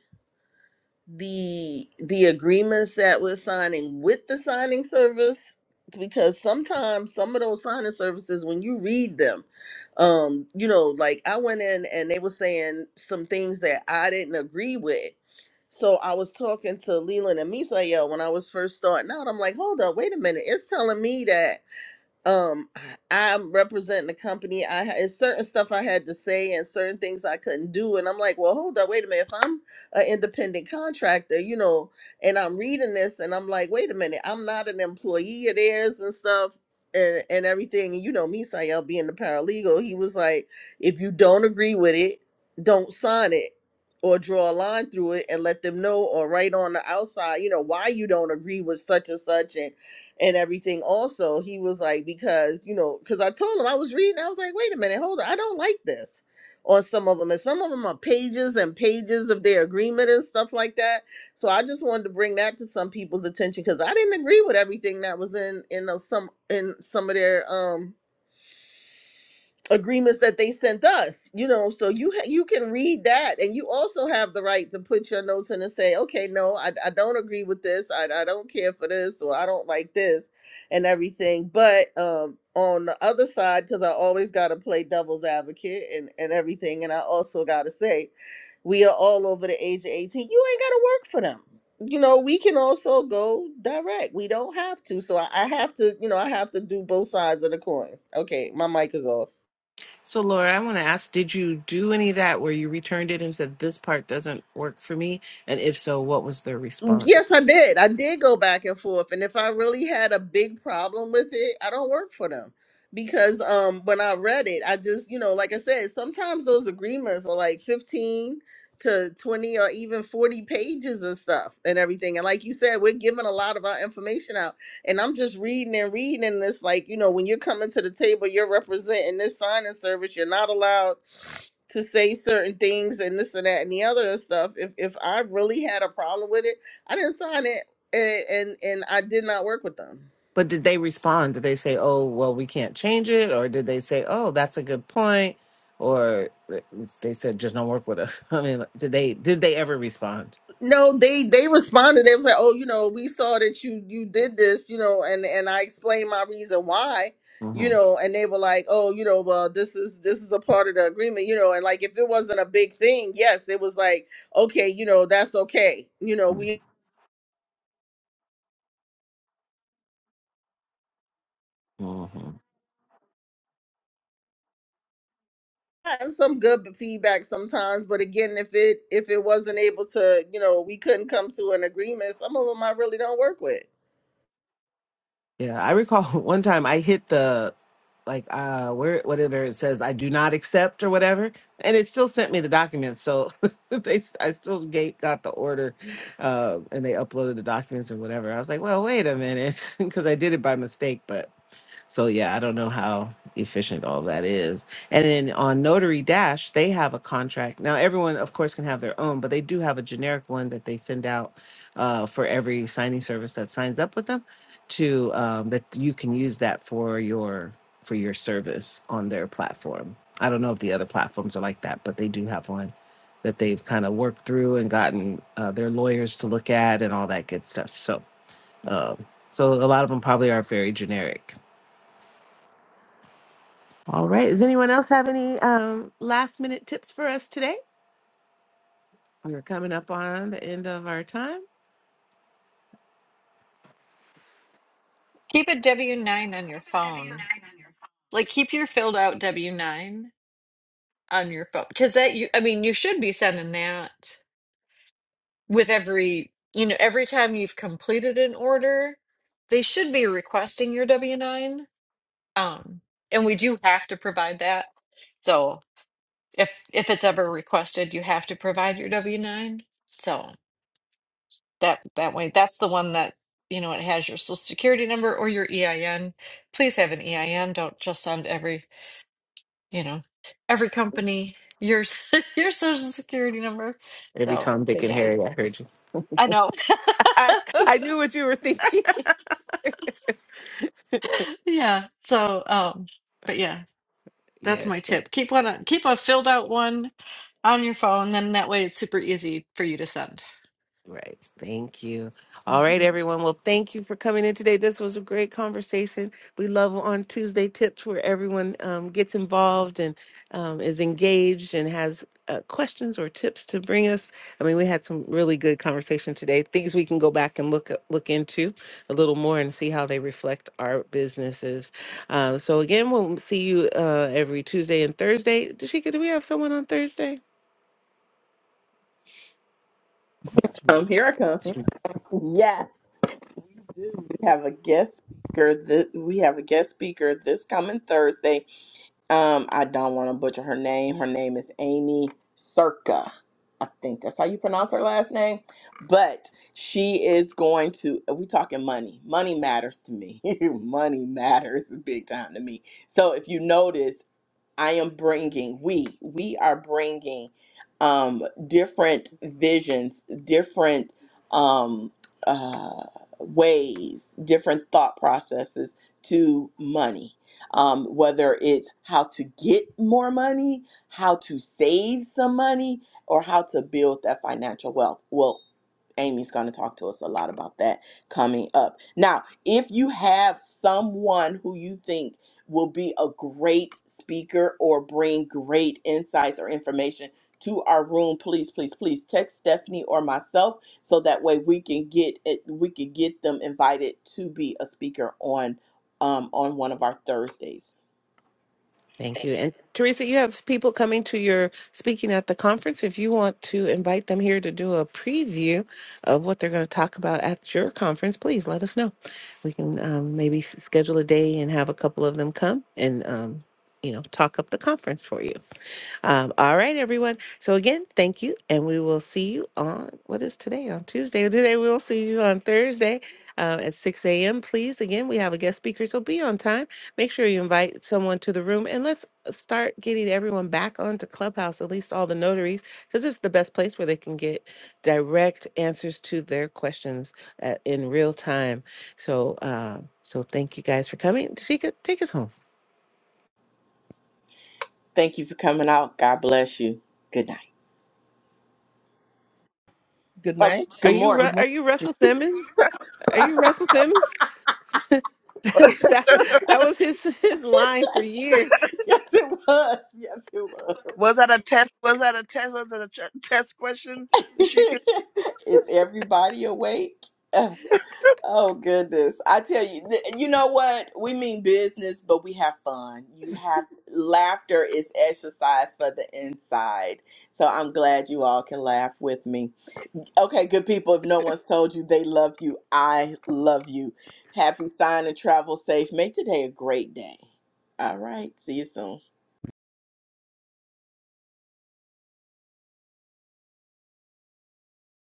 I: the the agreements that we're signing with the signing service because sometimes some of those signing services when you read them um you know like i went in and they were saying some things that i didn't agree with so i was talking to leland and misael when i was first starting out i'm like hold up wait a minute it's telling me that um i'm representing the company i ha- it's certain stuff i had to say and certain things i couldn't do and i'm like well hold up wait a minute if i'm an independent contractor you know and i'm reading this and i'm like wait a minute i'm not an employee of theirs and stuff and and everything and you know me Sayel being the paralegal he was like if you don't agree with it don't sign it or draw a line through it and let them know or write on the outside you know why you don't agree with such and such and and everything also he was like because you know because i told him i was reading i was like wait a minute hold on i don't like this on some of them and some of them are pages and pages of their agreement and stuff like that so i just wanted to bring that to some people's attention because i didn't agree with everything that was in in those some in some of their um agreements that they sent us you know so you ha- you can read that and you also have the right to put your notes in and say okay no i, I don't agree with this I, I don't care for this or i don't like this and everything but um on the other side because i always got to play devil's advocate and and everything and i also got to say we are all over the age of 18 you ain't got to work for them you know we can also go direct we don't have to so I, I have to you know i have to do both sides of the coin okay my mic is off
B: So, Laura, I want to ask Did you do any of that where you returned it and said, This part doesn't work for me? And if so, what was their
I: Mm, Yes,
B: response?
I: I did. I did go back and forth. And if I really had a big problem with it, I don't work for them. Because um when I read it, I just, you know, like I said, sometimes those agreements are like 15 to 20 or even 40 pages and stuff and everything. And like you said, we're giving a lot of our information out. And I'm just reading and reading and this like, you know, when you're coming to the table, you're representing this signing service, you're not allowed to say certain things and this and that and the other and stuff. If if I really had a problem with it, I didn't sign it, and and, and I did not work with them.
B: But did they respond? Did they say, "Oh, well, we can't change it," or did they say, "Oh, that's a good point," or uh, they said, "Just don't work with us"? I mean, like, did they did they ever respond?
I: No, they they responded. They was like, "Oh, you know, we saw that you you did this, you know," and and I explained my reason why, you
B: hmm
I: know, and they were like, "Oh, you know, well, this is this is a part of the agreement, you know," and like if it wasn't a big thing, yes, it was like, okay, you know, that's okay, you know, we
B: hmm
I: had some good feedback sometimes, but again, if it if it wasn't able to, you know, we couldn't come to an agreement, some of them I really don't work with
B: Yeah, I recall one time I hit the like uh where whatever it says I do not accept or whatever, and it still sent me the documents. So they s- I still gate got the order, uh, and they uploaded the documents and whatever. I was like, well, wait a minute, because I did it by mistake, but. So yeah, I don't know how efficient all that is. And then on Notary Dash, they have a contract. Now everyone, of course, can have their own, but they do have a generic one that they send out uh, for every signing service that signs up with them to um, that you can use that for your for your service on their platform. I don't know if the other platforms are like that, but they do have one that they've kind of worked through and gotten uh, their lawyers to look at and all that good stuff. So, um, so a lot of them probably are very generic. All right. Does anyone else have any um, last minute tips for us today? We're coming up on the end of our time.
F: Keep a W9 on your phone. Like keep your filled out W9 on your phone because that you I mean you should be sending that with every you know every time you've completed an order, they should be requesting your W9. Um and we do have to provide that. So if if it's ever requested, you have to provide your W9. So that that way. That's the one that, you know, it has your social security number or your EIN. Please have an EIN. Don't just send every, you know, every company your your social security number.
B: Every
F: So,
B: Tom, Dick,
F: but
B: and
F: yeah,
B: Harry, I heard you.
F: I know.
B: I, I knew what you were thinking.
F: Yeah. So, um, but yeah, that's my
B: Yes.
F: tip. Keep one, keep a filled out one on your phone, then that way it's super easy for you to send.
B: Right. Thank you. All right, everyone. Well, thank you for coming in today. This was a great conversation. We love on Tuesday tips where everyone um, gets involved and um, is engaged and has uh, questions or tips to bring us. I mean, we had some really good conversation today. Things we can go back and look look into a little more and see how they reflect our businesses. Uh, so again, we'll see you uh, every Tuesday and Thursday. Dashika, do we have someone on Thursday?
A: Um, here I come. Yes. Dude, We have a guest speaker. This, we have a guest speaker this coming Thursday. Um, I don't want to butcher her name. Her name is Amy Circa. I think that's how you pronounce her last name. But she is going to. We talking money. Money matters to me. money matters big time to me. So if you notice. I am bringing, we, we are bringing um, different visions, different um, uh, ways, different thought processes to money. Um, whether it's how to get more money, how to save some money, or how to build that financial wealth. Well, Amy's going to talk to us a lot about that coming up. Now, if you have someone who you think will be a great speaker or bring great insights or information to our room, please, please, please text Stephanie or myself so that way we can get it, we can get them invited to be a speaker on um, on one of our Thursdays.
B: Thank you. And Teresa, you have people coming to your speaking at the conference. If you want to invite them here to do a preview of what they're going to talk about at your conference, please let us know. We can um, maybe s- schedule a day and have a couple of them come and, um, you know, talk up the conference for you. Um, all right, everyone. So again, thank you, and we will see you on what is today on Tuesday. Today we will see you on Thursday uh, at 6 a.m. Please, again, we have a guest speaker, so be on time. Make sure you invite someone to the room, and let's uh, start getting everyone back onto Clubhouse, at least all the notaries, because it's the best place where they can get direct answers to their questions uh in real time. So, uh, so thank you guys for coming. Tashika, take us home.
A: Thank you for coming out. God bless you. Good night.
H: Good
A: Oh,
H: night.
B: Are
A: good
B: you
A: morning.
B: Ru-
H: Good
B: are
H: morning.
B: you Russell Simmons? Are you Russell Simmons? that that was his his line for years.
A: Yes, it was. Yes, it was.
H: Was that a test? Was that a test? Was that a tr- test question? Rashika?
A: Is everybody awake? Uh, Oh goodness. I tell you, th- you know what? We mean business, but we have fun. You have laughter is exercise for the inside. So I'm glad you all can laugh with me. Okay, good people, if no one's told you they love you, I love you. Happy sign and travel safe. Make today a great day. All right. See you soon.